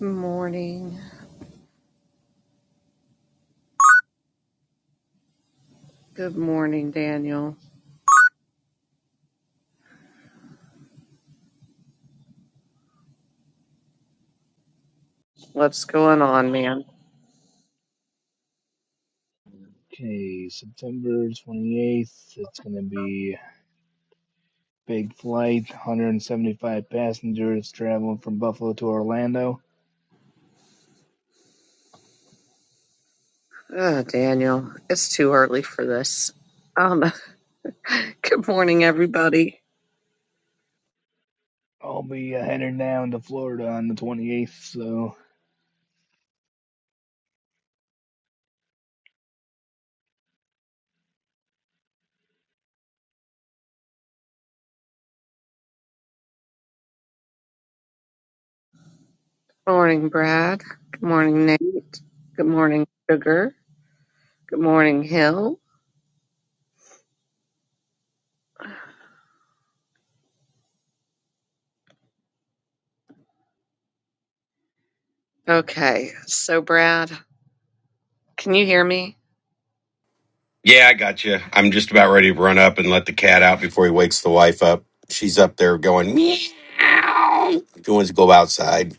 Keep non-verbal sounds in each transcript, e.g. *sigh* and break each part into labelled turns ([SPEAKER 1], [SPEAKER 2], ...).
[SPEAKER 1] Morning. Good morning, Daniel. What's going on, man?
[SPEAKER 2] Okay, September 28th, it's going to be big flight, 175 passengers traveling from Buffalo to Orlando.
[SPEAKER 1] Oh, Daniel, it's too early for this. Um, *laughs* good morning, everybody.
[SPEAKER 2] I'll be uh, heading down to Florida on the 28th, so
[SPEAKER 1] Morning, Brad. Good morning, Nate. Good morning, Sugar. Good morning, Hill. Okay, so Brad, can you hear me?
[SPEAKER 3] Yeah, I got you. I'm just about ready to run up and let the cat out before he wakes the wife up. She's up there going meow. She wants to go outside.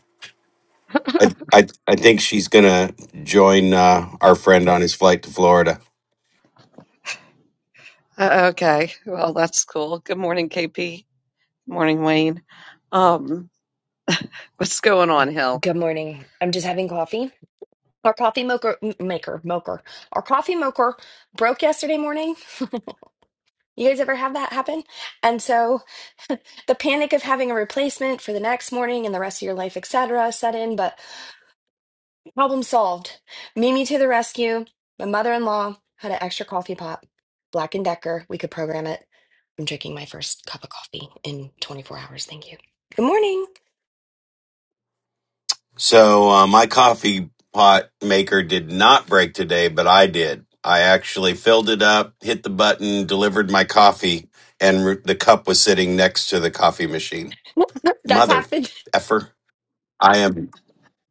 [SPEAKER 3] I I, I think she's gonna join uh, our friend on his flight to Florida.
[SPEAKER 1] Uh, okay, well that's cool. Good morning, KP. Good morning, Wayne. Um, what's going on, Hill?
[SPEAKER 4] Good morning. I'm just having coffee. Our coffee moker m- maker moker. Our coffee moker broke yesterday morning. You guys ever have that happen? And so the panic of having a replacement for the next morning and the rest of your life, etc., set in. But problem solved. Mimi to the rescue. My mother-in-law had an extra coffee pot, Black and Decker. We could program it. I'm drinking my first cup of coffee in 24 hours. Thank you. Good morning.
[SPEAKER 3] So uh, my coffee pot maker did not break today, but I did. I actually filled it up, hit the button, delivered my coffee, and r- the cup was sitting next to the coffee machine.
[SPEAKER 4] *laughs* That's
[SPEAKER 3] Mother
[SPEAKER 4] happened.
[SPEAKER 3] effer! I am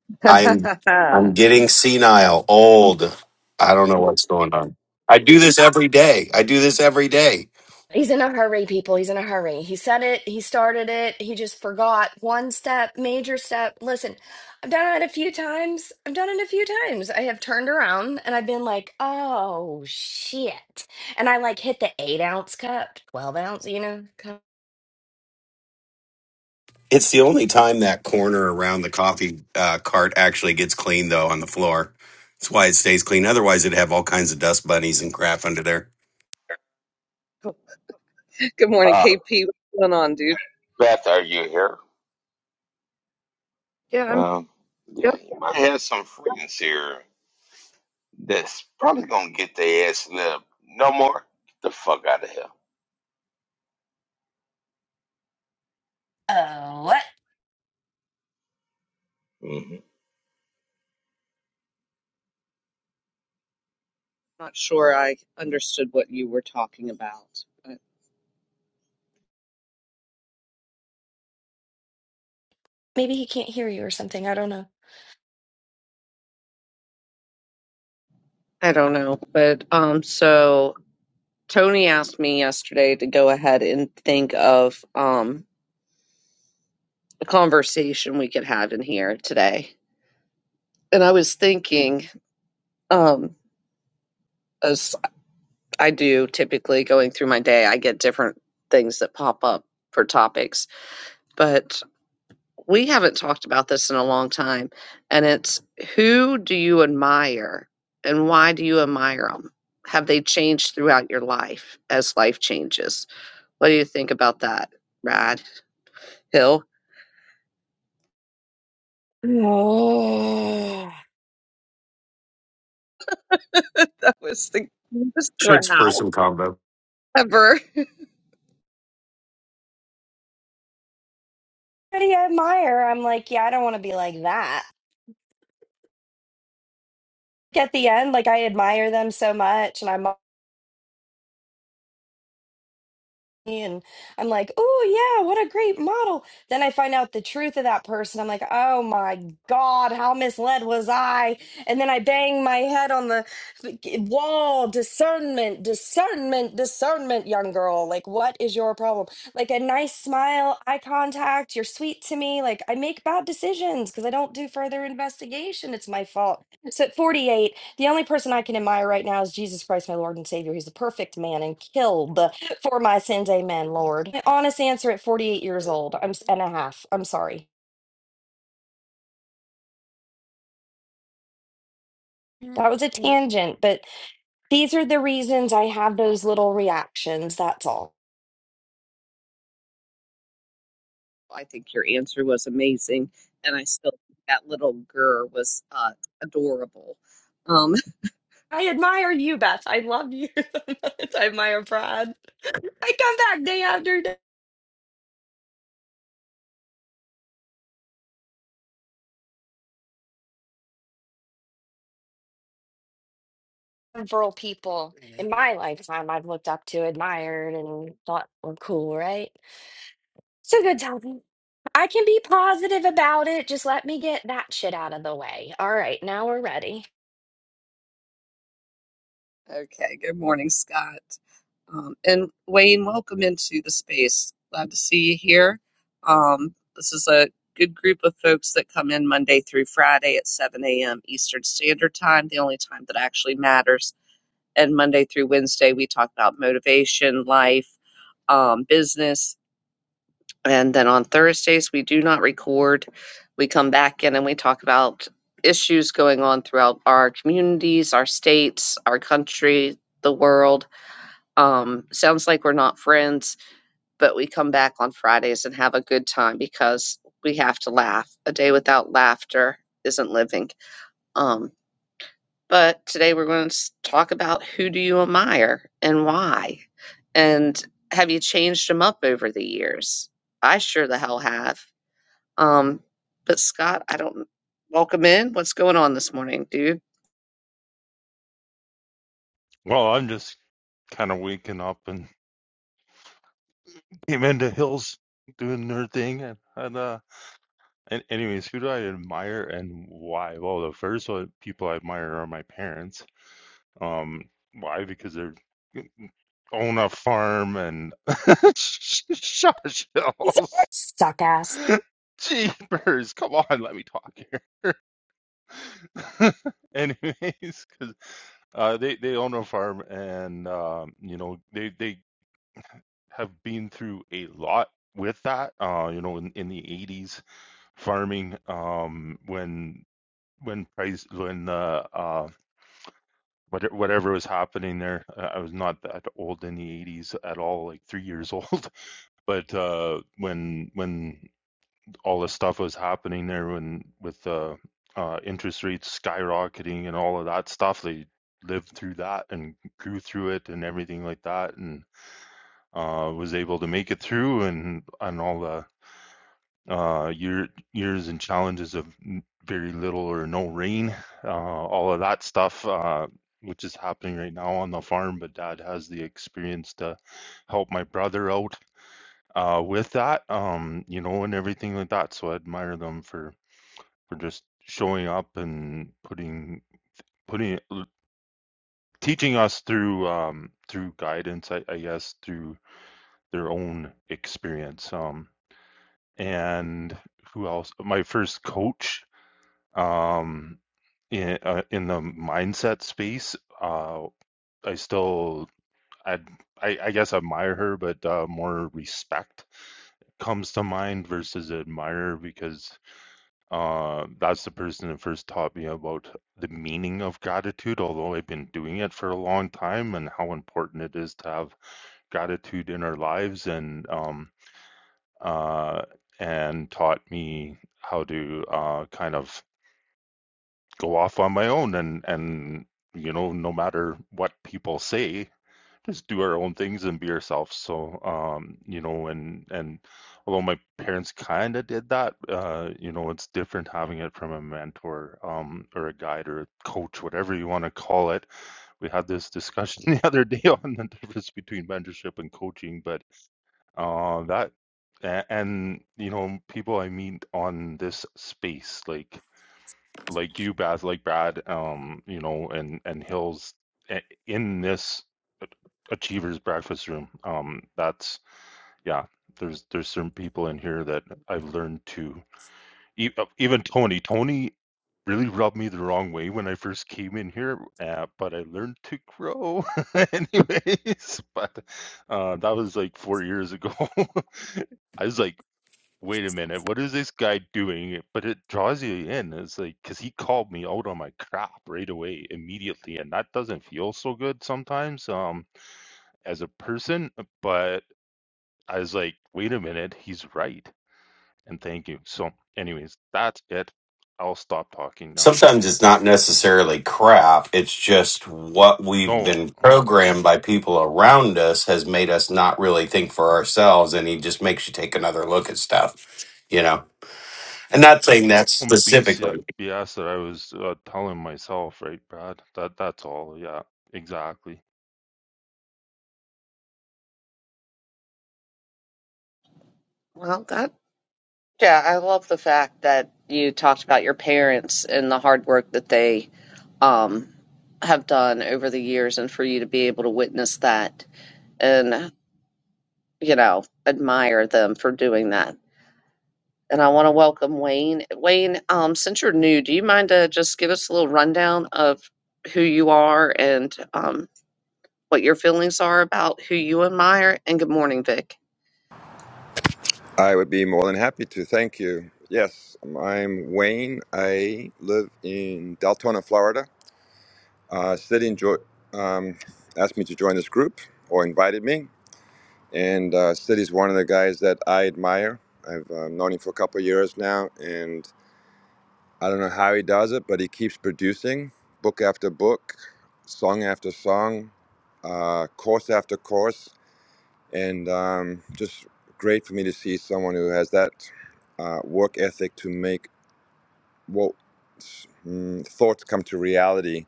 [SPEAKER 1] *laughs* Good
[SPEAKER 3] I'm I'm getting senile, old. I don't know what's going on. I do this every day. I do this every day.
[SPEAKER 4] He's in a hurry, people. He's in a hurry. He said it. He started it. He just forgot one step, major step. Listen, I've done it a few times. I've done it a few times. I have turned around and I've been like, oh, shit. And I like hit the eight ounce cup, 12 ounce, you know? cup.
[SPEAKER 3] It's the only time that corner around the coffee uh, cart actually gets clean, though, on the floor. That's why it stays clean. Otherwise, it'd have all kinds of dust bunnies and crap under there.
[SPEAKER 1] morning,
[SPEAKER 5] Uh,
[SPEAKER 1] KP. What's going on, dude?
[SPEAKER 5] Beth, are you here?
[SPEAKER 1] Yeah, I'm.
[SPEAKER 5] Um,
[SPEAKER 1] Yep.
[SPEAKER 5] yeah, you might have some friends here that's probably gonna get their ass lit. up. No more. Get the fuck out of here.
[SPEAKER 4] Oh, what?
[SPEAKER 1] Not sure I understood what you were talking about. but-
[SPEAKER 4] Maybe he can't hear you or something. I don't know. *sighs*
[SPEAKER 1] I don't know. But um so Tony asked me yesterday to go ahead and think of um a conversation we could have in here today. And I was thinking um as I do typically going through my day, I get different things that pop up for topics. But we haven't talked about this in a long time, and it's who do you admire and why do you admire them? Have they changed throughout your life as life changes? What do you think about that, Rad Hill?
[SPEAKER 4] Oh.
[SPEAKER 1] *laughs* that was the cutest
[SPEAKER 3] Should spur
[SPEAKER 1] growl
[SPEAKER 3] some combo.
[SPEAKER 1] ever.
[SPEAKER 4] How do you admire? I'm like, yeah, I don't want to be like that. At the end, like I admire them so much and I'm and I'm like, oh yeah, what a great model. Then I find out the truth of that person. I'm like, oh my God, how misled was I? And then I bang my head on the wall. Discernment, discernment, discernment, young girl. Like, what is your problem? Like a nice smile, eye contact, you're sweet to me. Like I make bad decisions because I don't do further investigation. It's my fault. So at 48. The only person I can admire right now is Jesus Christ, my Lord and Savior. He's the perfect man and killed for my sins. Amen, Lord. My honest answer at 48 years old, I'm s- and a half. I'm sorry. That was a tangent, but these are the reasons I have those little reactions. That's all.
[SPEAKER 1] I think your answer was amazing, and I still think that little girl was uh, adorable. Um,
[SPEAKER 4] I admire you, Beth. I love you *laughs* so much. I admire Brad. I come back day after day. Several people in my lifetime I've looked up to, admired, and thought were cool, right? It's a good time. I can be positive about it. Just let me get that shit out of the way. All right, now we're ready.
[SPEAKER 1] Okay, good morning, Scott. Um, and Wayne, welcome into the space. Glad to see you here. Um, this is a good group of folks that come in Monday through Friday at 7 a.m. Eastern Standard Time, the only time that actually matters. And Monday through Wednesday, we talk about motivation, life, um, business. And then on Thursdays, we do not record. We come back in and we talk about issues going on throughout our communities, our states, our country, the world. Um, sounds like we're not friends, but we come back on Fridays and have a good time because we have to laugh. A day without laughter isn't living. Um, but today we're going to talk about who do you admire and why? And have you changed them up over the years? I sure the hell have um, but Scott, I don't welcome in. What's going on this morning, dude?
[SPEAKER 6] Well, I'm just kind of waking up and *laughs* came into Hills doing their thing. And, and uh, and anyways, who do I admire and why? Well, the first one, people I admire are my parents. Um, why? Because they're own a farm and *laughs* shush Hills.
[SPEAKER 4] Suck ass.
[SPEAKER 6] Jeepers, come on, let me talk here. *laughs* Anyways, because uh, they they own a farm and um, you know they they have been through a lot with that. Uh, you know, in, in the '80s, farming, um, when when price when the uh, whatever, whatever was happening there, uh, I was not that old in the '80s at all, like three years old. *laughs* But uh, when when all the stuff was happening there, when with uh, uh, interest rates skyrocketing and all of that stuff, they lived through that and grew through it and everything like that, and uh, was able to make it through and and all the uh, year, years and challenges of very little or no rain, uh, all of that stuff, uh, which is happening right now on the farm. But dad has the experience to help my brother out uh, with that, um, you know, and everything like that. So I admire them for for just showing up and putting putting teaching us through um, through guidance, I, I guess, through their own experience. Um, and who else? My first coach um in uh, in the mindset space uh i still i i, I guess admire her but uh, more respect comes to mind versus admire because uh that's the person that first taught me about the meaning of gratitude although i've been doing it for a long time and how important it is to have gratitude in our lives and um uh and taught me how to uh kind of go off on my own and and you know no matter what people say just do our own things and be ourselves so um you know and and although my parents kind of did that uh you know it's different having it from a mentor um or a guide or a coach whatever you want to call it we had this discussion *laughs* the other day on the difference between mentorship and coaching but uh that a- and you know people i meet on this space like like you, Baz, like Brad, um, you know, and and Hills i- in this achievers breakfast room. Um, that's yeah. There's there's certain people in here that I've learned to e- uh, even Tony. Tony really rubbed me the wrong way when I first came in here, uh, but I learned to grow, *laughs* anyways. But uh, that was like four years ago. *laughs* I was like wait a minute, what is this guy doing? But it draws you in. It's like, because he called me out on my crap right away, immediately. And that doesn't feel so good sometimes um, as a person. But I was like, wait a minute, he's right. And thank you. So, anyways, that's it. I'll stop talking now.
[SPEAKER 3] sometimes it's not necessarily crap it's just what we've
[SPEAKER 6] No,
[SPEAKER 3] been programmed by people around us has made us not really think for ourselves and he just makes you take another look at stuff you know and not saying that
[SPEAKER 6] um, BS,
[SPEAKER 3] specifically
[SPEAKER 6] BS that I was uh, telling myself, right, Brad? That That's all. Yeah, exactly.
[SPEAKER 1] Well, that yeah, I love the fact that you talked about your parents and the hard work that they um have done over the years, and for you to be able to witness that and you know admire them for doing that. And I want to welcome Wayne. Wayne, um, since you're new, do you mind to just give us a little rundown of who you are and um, what your feelings are about who you admire? And good morning, Vic.
[SPEAKER 7] I would be more than happy to. Thank you. Yes, I'm Wayne. I live in Deltona, Florida. Uh, City enjoy, um, asked me to join this group or invited me. And uh, City's one of the guys that I admire. I've uh, known him for a couple of years now, and I don't know how he does it, but he keeps producing book after book, song after song, uh, course after course and um, just great for me to see someone who has that uh, work ethic to make what mm, thoughts come to reality.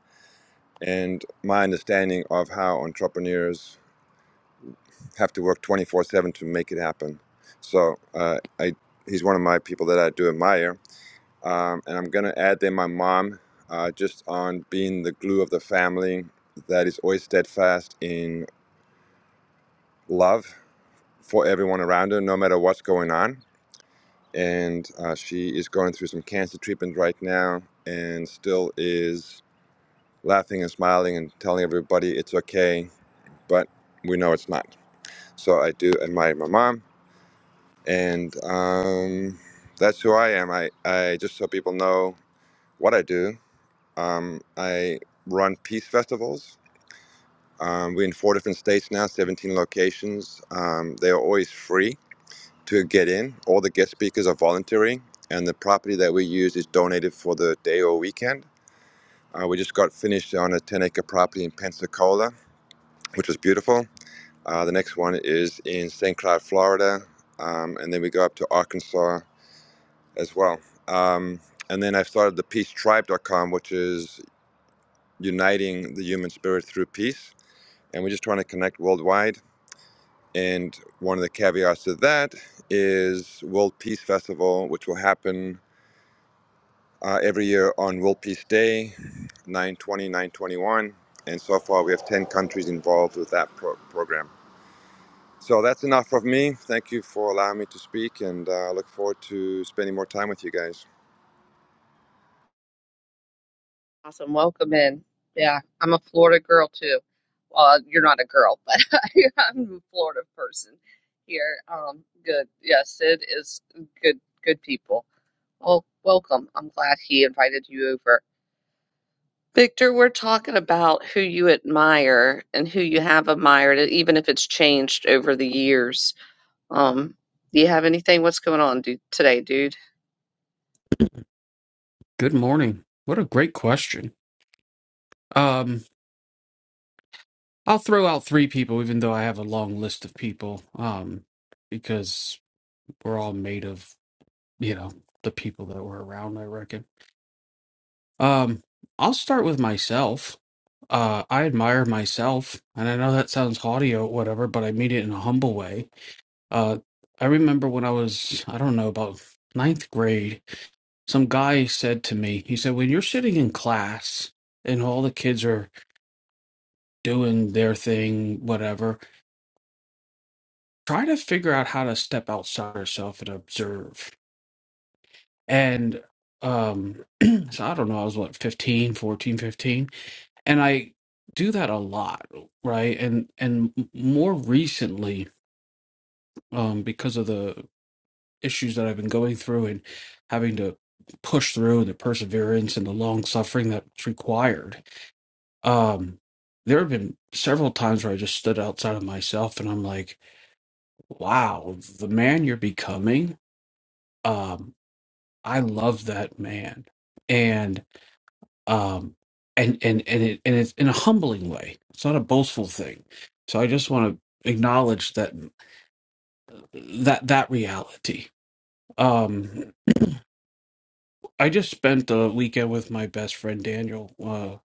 [SPEAKER 7] And my understanding of how entrepreneurs have to work 24 7 to make it happen. So uh, I, he's one of my people that I do admire. Um, and I'm going to add there my mom, uh, just on being the glue of the family that is always steadfast in love for everyone around her, no matter what's going on and uh, she is going through some cancer treatment right now and still is laughing and smiling and telling everybody it's okay, but we know it's not. So I do admire my mom, and um, that's who I am. I, I just so people know what I do. Um, I run peace festivals. Um, we're in four different states now, 17 locations. Um, they are always free to get in. All the guest speakers are voluntary, and the property that we use is donated for the day or weekend. Uh, we just got finished on a 10 acre property in Pensacola, which was beautiful. Uh, the next one is in St. Cloud, Florida, um, and then we go up to Arkansas as well. Um, and then I started the peacetribe.com, which is uniting the human spirit through peace. And we're just trying to connect worldwide. And one of the caveats to that is World Peace Festival, which will happen uh, every year on World Peace Day, 920, 921. And so far, we have 10 countries involved with that pro- program. So that's enough of me. Thank you for allowing me to speak, and uh, I uh, look forward to spending more time with you guys.
[SPEAKER 1] Awesome. Welcome in. Yeah, I'm a Florida girl too. Well, you're not a girl, but *laughs* I'm a Florida person here. Um, good. Yeah, Sid is good, good people. Well, welcome. I'm glad he invited you over. Victor, we're talking about who you admire and who you have admired, even if it's changed over the years. Um, do you have anything? What's going on dude, today, dude?
[SPEAKER 8] Good morning. What a great question. Um, I'll throw out three people, even though I have a long list of people, um, because we're all made of, you know, the people that were around, I reckon. Um, I'll start with myself. Uh, I admire myself, and I know that sounds haughty or whatever, but I mean it in a humble way. Uh, I remember when I was, I don't know, about ninth grade, some guy said to me, he said, when you're sitting in class, and all the kids are doing their thing, whatever. Try to figure out how to step outside yourself and observe. And um, *clears throat* so I don't know, I was what, 15, 14, 15, And I do that a lot, right? And and m- more recently, um, because of the issues that I've been going through and having to push through and the perseverance and the long suffering that's required, um, there have been several times where I just stood outside of myself and I'm like, wow, the man you're becoming. Um, I love that man, and um, and and and it and it's in a humbling way. It's not a boastful thing. So I just want to acknowledge that that that reality. Um, I just spent a weekend with my best friend Daniel. Uh,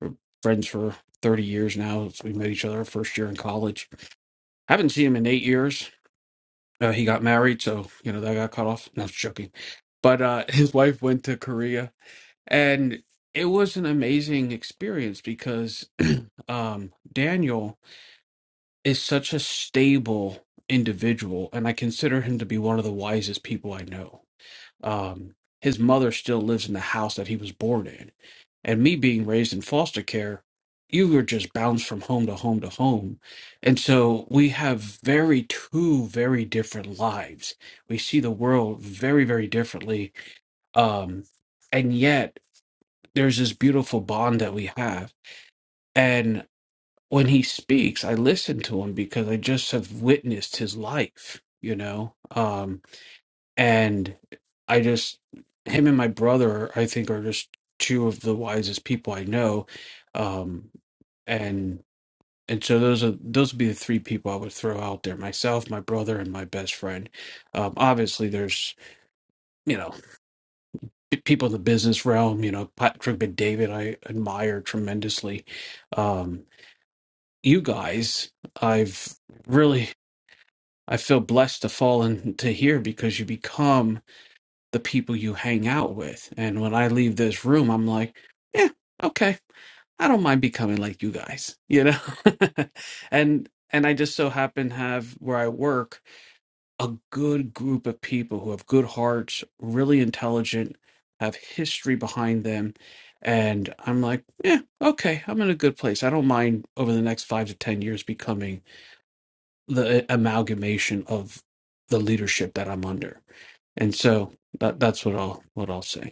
[SPEAKER 8] we're friends for thirty years now. We met each other our first year in college. Haven't seen him in eight years Uh, he got married, so you know that got cut off. No, I'm joking. But uh, *laughs* his wife went to Korea, and it was an amazing experience because *clears throat* um, Daniel is such a stable individual, and I consider him to be one of the wisest people I know. Um, his mother still lives in the house that he was born in. And me being raised in foster care, you were just bounced from home to home to home. And so we have very, two very different lives. We see the world very, very differently. Um, and yet there's this beautiful bond that we have. And when he speaks, I listen to him because I just have witnessed his life, you know? Um, and I just him and my brother I think are just two of the wisest people I know um and and so those are those would be the three people I would throw out there myself my brother and my best friend um obviously there's you know p- people in the business realm you know Patrick and David I admire tremendously um you guys I've really I feel blessed to fall into here because you become the people you hang out with. And when I leave this room, I'm like, yeah, okay, I don't mind becoming like you guys, you know? *laughs* and and I just so happen to have where I work a good group of people who have good hearts, really intelligent, have history behind them. And I'm like, yeah, okay, I'm in a good place. I don't mind over the next five to 10 years becoming the eh, amalgamation of the leadership that I'm under. And so that, that's what I'll what I'll say.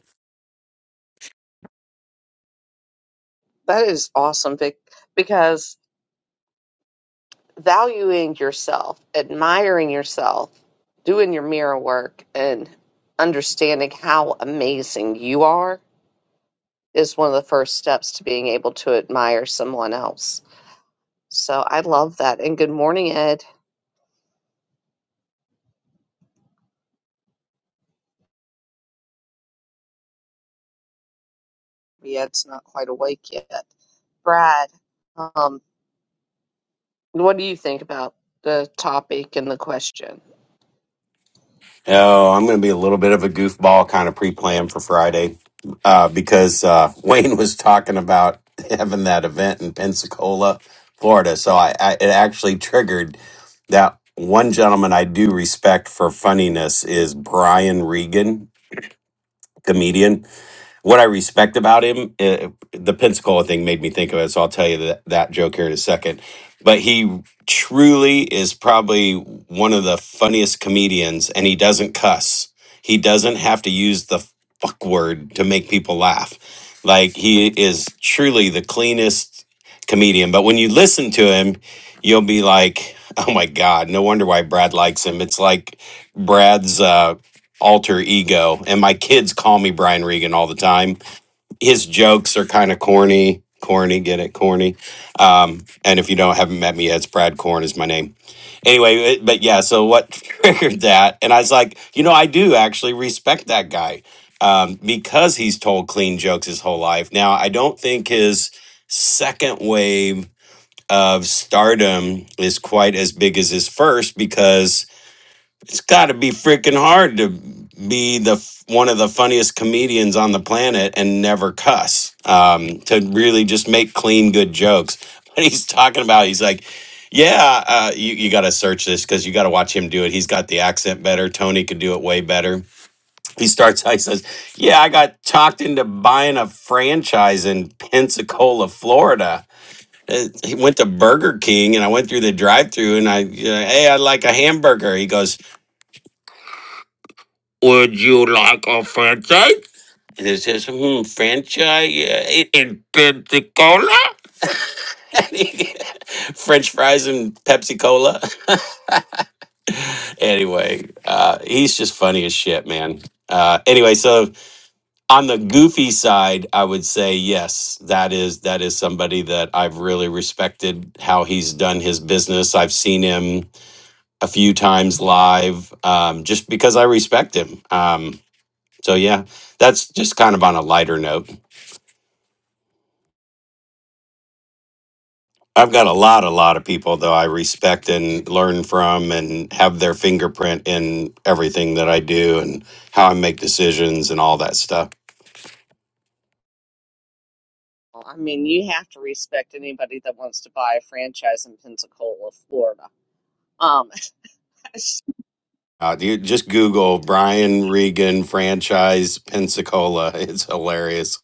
[SPEAKER 1] That is awesome, Vic, because valuing yourself, admiring yourself, doing your mirror work, and understanding how amazing you are is one of the first steps to being able to admire someone else. So I love that. And good morning, Ed. Ed's not quite awake yet. Brad, um, what do you think about the topic and the question?
[SPEAKER 3] Oh, I'm going to be a little bit of a goofball kind of pre planned for Friday uh, because uh, *laughs* Wayne was talking about having that event in Pensacola, Florida. So I, I it actually triggered that one gentleman I do respect for funniness is Brian Regan, comedian what I respect about him, uh, the Pensacola thing made me think of it. So I'll tell you that, that joke here in a second. But he truly is probably one of the funniest comedians, and he doesn't cuss. He doesn't have to use the fuck word to make people laugh. Like he is truly the cleanest comedian. But when you listen to him, you'll be like, oh my God, no wonder why Brad likes him. It's like Brad's. uh, alter ego. And my kids call me Brian Regan all the time. His jokes are kind of corny, corny, get it, corny. Um, and if you don't haven't met me yet, it's Brad Corn is my name. Anyway, it- but yeah, so what *laughs* triggered that? And I was like, you know, I do actually respect that guy um, because he's told clean jokes his whole life. Now, I don't think his second wave of stardom is quite as big as his first because it's got to be freaking hard to be the f- one of the funniest comedians on the planet and never cuss um, to really just make clean good jokes *laughs* but he's talking about he's like yeah uh, you, you got to search this because you got to watch him do it he's got the accent better tony could do it way better *laughs* he starts he says yeah i got talked into buying a franchise in pensacola florida Uh, he went to burger king and i went through the drive-through and i uh, hey i'd like a hamburger he goes Would you like a franchise? And it says, hmm, franchise uh, i- in Pensacola? *laughs* French fries and Pepsi Cola. *laughs* anyway, uh, he's just funny as shit, man. Uh, anyway, so on the goofy side, I would say yes, that is that is somebody that I've really respected how he's done his business. I've seen him a few times live, um, just because I respect him. Um, so yeah, that's just kind of on a lighter note. I've got a lot, a lot of people that I respect and learn from and have their fingerprint in everything that I do and how I make decisions and all that stuff.
[SPEAKER 1] Well, I mean, you have to respect anybody that wants to buy a franchise in Pensacola, Florida. Um, *laughs*
[SPEAKER 3] Uh, you just Google Brian Regan franchise Pensacola. *laughs* It's hilarious.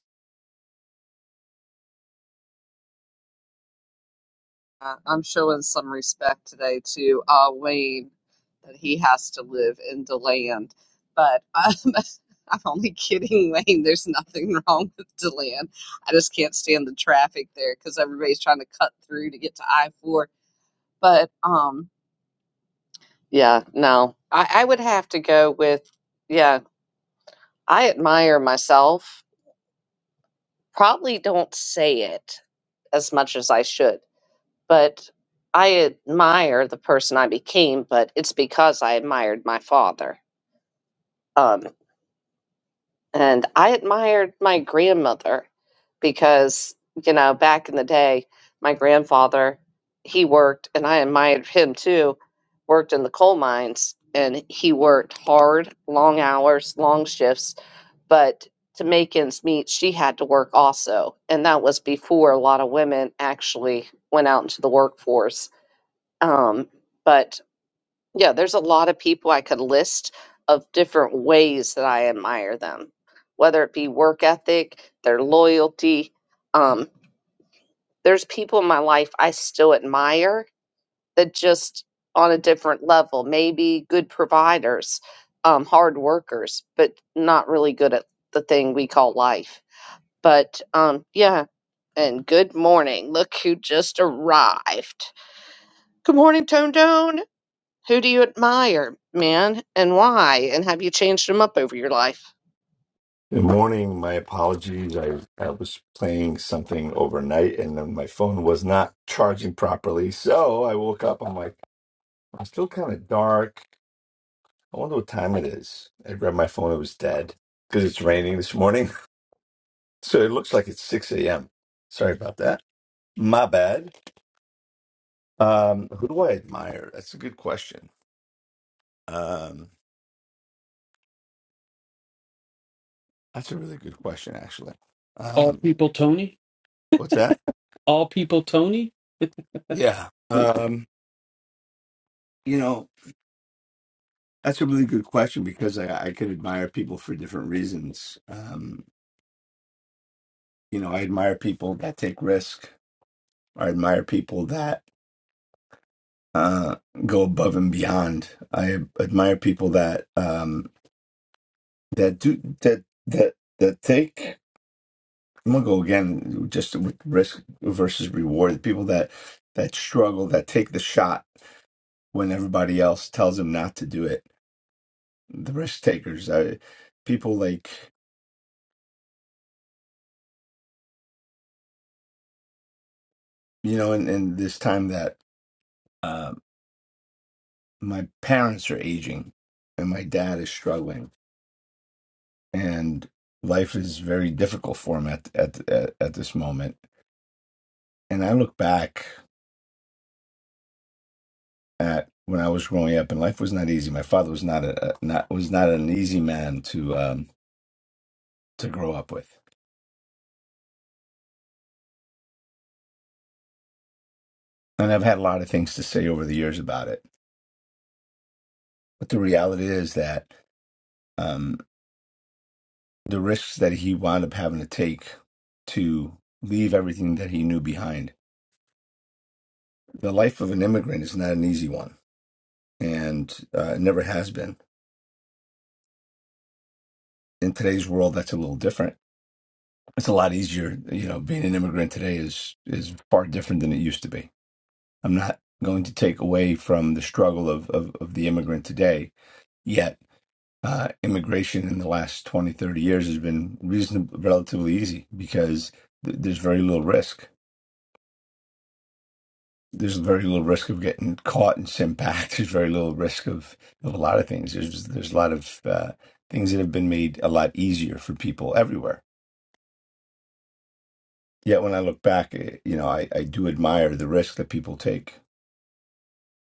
[SPEAKER 1] Uh, I'm showing some respect today to uh, Wayne that he has to live in DeLand. But um, *laughs* I'm only kidding, Wayne. There's nothing wrong with DeLand. I just can't stand the traffic there because everybody's trying to cut through to get to I-4. But um, yeah, no, I, I would have to go with, yeah, I admire myself. Probably don't say it as much as I should But I admire the person I became, but it's because I admired my father. Um, and I admired my grandmother because, you know, back in the day, my grandfather, he worked, and I admired him too, worked in the coal mines, and he worked hard, long hours, long shifts. But to make ends meet, she had to work also. And that was before a lot of women actually went out into the workforce um, but yeah, there's a lot of people I could list of different ways that I admire them, whether it be work ethic, their loyalty. Um, there's people in my life I still admire that just on a different level, maybe good providers, um, hard workers, but not really good at the thing we call life. But um, yeah, and good morning. Look who just arrived. Good morning, Tone Tone. Who do you admire, man, and why? And have you changed them up over your life?
[SPEAKER 9] Good morning. My apologies. I, I was playing something overnight and then my phone was not charging properly. So I woke up. I'm like, I'm still kind of dark. I wonder what time it is. I grabbed my phone. It was dead because it's raining this morning. *laughs* So it looks like it's 6 a.m. Sorry about that. My bad. Um, who do I admire? That's a good question. Um, that's a really good question, actually.
[SPEAKER 8] All
[SPEAKER 9] Um,
[SPEAKER 8] people, Tony.
[SPEAKER 9] what's that?
[SPEAKER 8] All people, Tony.
[SPEAKER 9] Yeah.
[SPEAKER 8] Hmm.
[SPEAKER 9] Um, you know, That's a really good question because I, I could admire people for different reasons. Um, you know, I admire people that take risk. I admire people that uh, go above and beyond. I admire people that um, that do that that that take. I'm gonna go again, just with risk versus reward. The people that that struggle, that take the shot when everybody else tells them not to do it. The risk takers, I, people like you know, in, in this time that. uh, my parents are aging and my dad is struggling and life is very difficult for him at at at, at this moment and i look back at when i was growing up and life was not easy my father was not a a- not was not an easy man to um to grow up with and i've had a lot of things to say over the years about it but the reality is that um the risks that he wound up having to take to leave everything that he knew behind the life of an immigrant is not an easy one and uh, it never has been. In today's world, that's a little different. It's a lot easier. You know, being an immigrant today is is far different than it used to be. I'm not going to take away from the struggle of of, of the immigrant today. Yet, uh, immigration in the last 20 30 years has been reasonably relatively easy because th- there's very little risk. There's very little risk of getting caught and sent back. *laughs* There's very little risk of, of a lot of things. There's there's a lot of uh, things that have been made a lot easier for people everywhere Yet when I look back, eh, you know, I, I do admire the risk that people take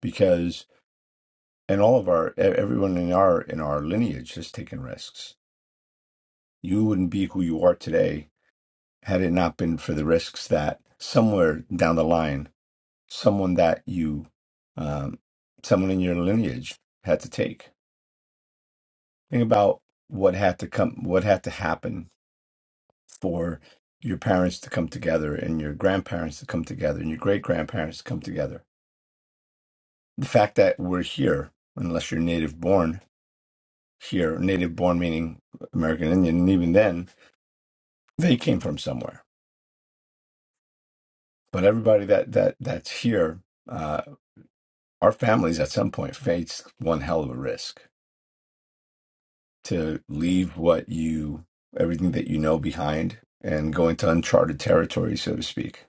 [SPEAKER 9] because, and all of our, e- everyone in our, in our lineage has taken risks. You wouldn't be who you are today had it not been for the risks that somewhere down the line, someone that you, um, someone in your lineage had to take. Think about what had to come, what had to happen for your parents to come together and your grandparents to come together and your great grandparents to come together the fact that we're here, unless you're native born here, native born meaning American Indian, and even then, they came from somewhere. But everybody that that that's here, uh, our families at some point face one hell of a risk to leave what you everything that you know behind and go into uncharted territory, so to speak.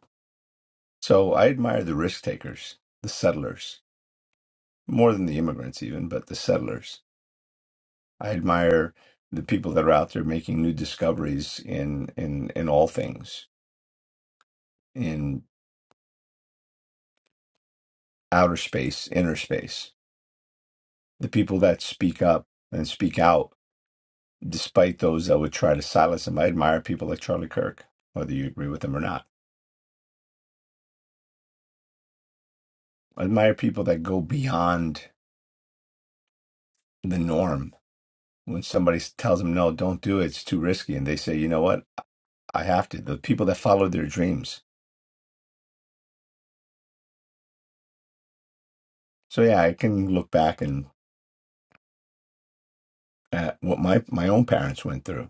[SPEAKER 9] So I admire the risk takers, the settlers, more than the immigrants even, but the settlers I admire the people that are out there making new discoveries in in in all things, in outer space, inner space. The people that speak up and speak out despite those that would try to silence them. I admire people like Charlie Kirk, whether you agree with them or not. I admire people that go beyond the norm. When somebody s- tells them no, don't do it, it's too risky, and they say, you know what, I have to. The people that follow their dreams. So yeah, I can look back and at what my my own parents went through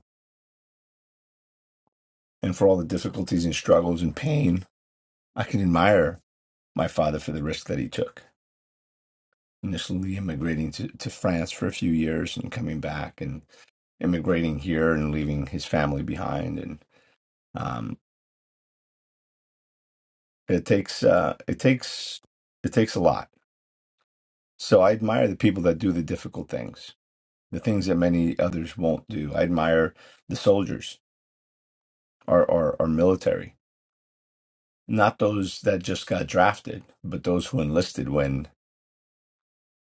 [SPEAKER 9] and for all the difficulties and struggles and pain, I can admire my father for the risk that he took. Initially immigrating to, to France for a few years and coming back and immigrating here and leaving his family behind. And um, it takes uh, it takes it takes a lot. So I admire the people that do the difficult things, the things that many others won't do. I admire the soldiers, our our, our military, not those that just got drafted, but those who enlisted when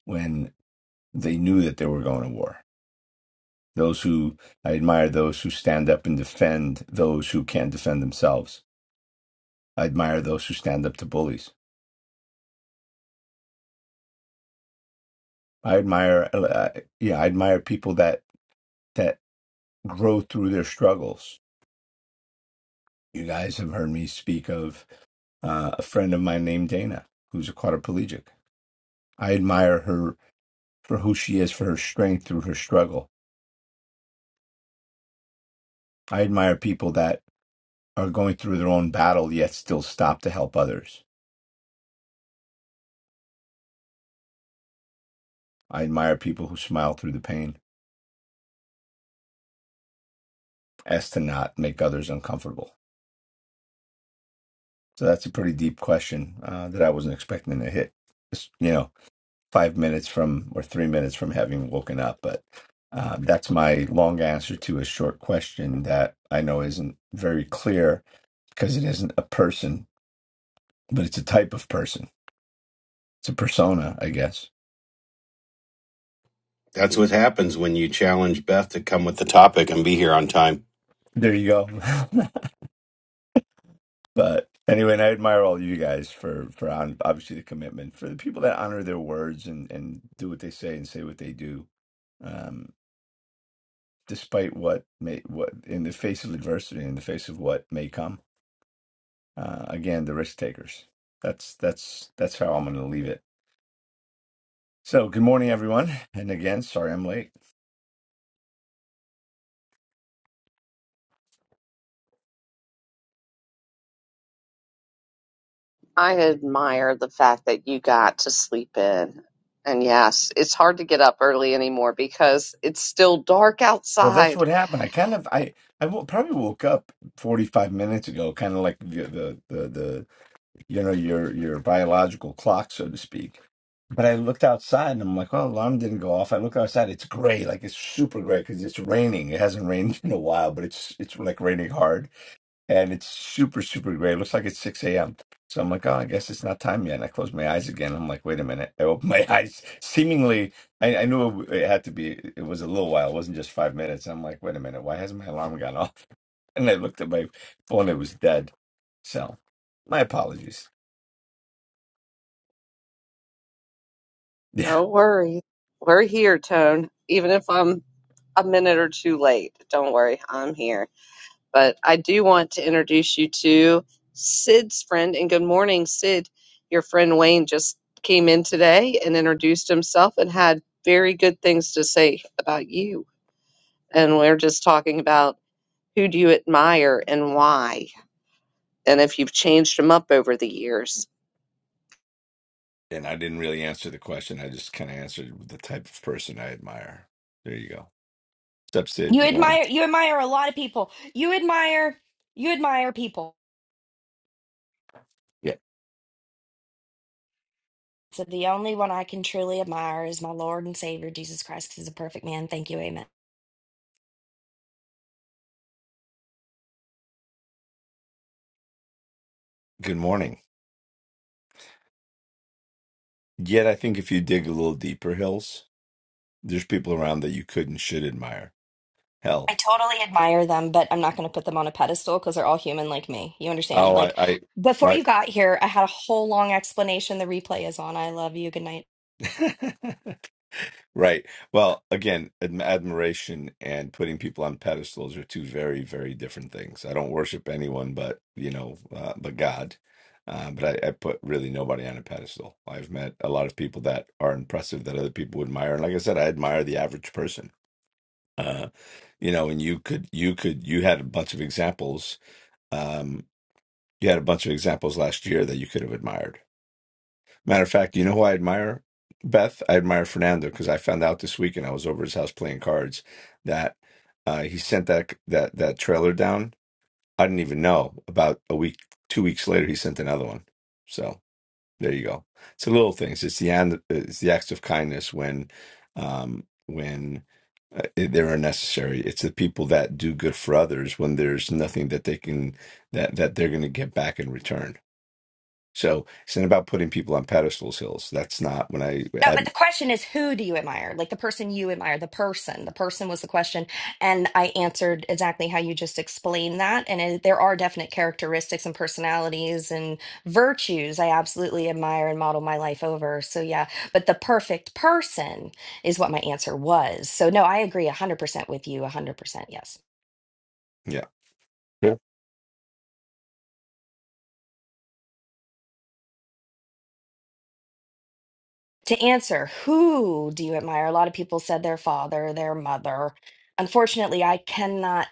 [SPEAKER 9] when They knew that they were going to war. Those who I admire those who stand up and defend those who can't defend themselves. I admire those who stand up to bullies. I admire, uh, yeah, I admire people that that grow through their struggles. You guys have heard me speak of uh, a friend of mine named Dana, who's a quadriplegic. I admire her for who she is, for her strength through her struggle. I admire people that are going through their own battle yet still stop to help others. I admire people who smile through the pain. as to not make others uncomfortable? So that's a pretty deep question uh, that I wasn't expecting to hit. Just, you know, five minutes from or three minutes from having woken up, but uh, that's my long answer to a short question that I know isn't very clear because it isn't a person, but it's a type of person. It's a persona, I guess.
[SPEAKER 3] That's what happens when you challenge Beth to come with the topic and be here on time.
[SPEAKER 9] There you go. *laughs* but anyway, and I admire all you guys for for on, obviously the commitment for the people that honor their words and and do what they say and say what they do Um, despite what may what in the face of adversity, in the face of what may come. Uh, again, the risk takers. That's that's that's how I'm going to leave it. So, good morning, everyone, and again, sorry I'm late.
[SPEAKER 1] I admire the fact that you got to sleep in. And yes, it's hard to get up early anymore because it's still dark
[SPEAKER 9] Well, that's
[SPEAKER 1] outside.
[SPEAKER 9] what happened. I kind of I I wo- probably woke up 45 minutes ago, kind of like the, the the the you know your your biological clock, so to speak. But I looked outside and I'm like, oh, alarm didn't go off. I look outside, it's gray, like it's super gray because it's raining. It hasn't rained *laughs* in a while, but it's it's like raining hard and it's super super gray. It looks like it's six a.m. So I'm like, oh, I guess it's not time yet. And I close my eyes again. I'm like, wait a minute. I open my *laughs* eyes. Seemingly, I, I knew it, it had to be. It was a little while. It wasn't just five minutes. I'm like, wait a minute. Why hasn't my alarm gone off? *laughs* And I looked at my phone. It was dead. So, my apologies. *laughs* Yeah.
[SPEAKER 1] No worries. We're here, Tone. Even if I'm a minute or two late, don't worry, I'm here. But I do want to introduce you to Sid's friend. And good morning, Sid. Your friend Wayne just came in today and introduced himself and had very good things to say about you. And we're just talking about who do you admire and why, and if you've changed them up over the years.
[SPEAKER 9] And I didn't really answer the question. I just kind of answered with the type of person I admire. There you go. What's up, Sid?
[SPEAKER 4] You
[SPEAKER 9] Good morning.
[SPEAKER 4] admire you admire a lot of people. You admire you admire people.
[SPEAKER 9] Yeah.
[SPEAKER 4] So the only one I can truly admire is my Lord and Savior Jesus Christ, 'cause he's a perfect man. Thank you, amen.
[SPEAKER 9] Good morning. Yet I think if you dig a little deeper, Hills, There's people around that you could and should admire. Hell,
[SPEAKER 4] I totally admire them, but I'm not going to put them on a pedestal because they're all human like me. You understand?
[SPEAKER 9] oh, I,
[SPEAKER 4] Like
[SPEAKER 9] I
[SPEAKER 4] before you
[SPEAKER 9] right,
[SPEAKER 4] got here, I had a whole long explanation. The replay is on. I love you. Good night.
[SPEAKER 9] *laughs* right. Well, again, adm- admiration and putting people on pedestals are two very, very different things. I don't worship anyone, but you know, uh, but God. Uh, but I, I put really nobody on a pedestal. I've met a lot of people that are impressive that other people would admire, and like I said, I admire the average person. Uh, you know, and you could, you could, you had a bunch of examples. Um, you had a bunch of examples last year that you could have admired Matter of fact, you know who I admire, Beth? I admire Fernando because I found out this weekend I was over his house playing cards that uh, he sent that that that trailer down. I didn't even know. About a week, two weeks later, he sent another one. So there you go. It's the little things. It's the and it's the acts of kindness when um, when uh, they're necessary. It's the people that do good for others when there's nothing that they can that that they're going to get back in return. So it's not about putting people on pedestals, Hills. That's not when I,
[SPEAKER 4] No,
[SPEAKER 9] I
[SPEAKER 4] but the question is, who do you admire? Like the person you admire, the person. The person was the question. And I answered exactly how you just explained that. And it, there are definite characteristics and personalities and virtues I absolutely admire and model my life over. So, yeah, but the perfect person is what my answer was. So, no, I agree 100% with you, 100%. Yes.
[SPEAKER 9] yeah. Yeah.
[SPEAKER 4] To answer, who do you admire? A lot of people said their father, their mother. Unfortunately, I cannot.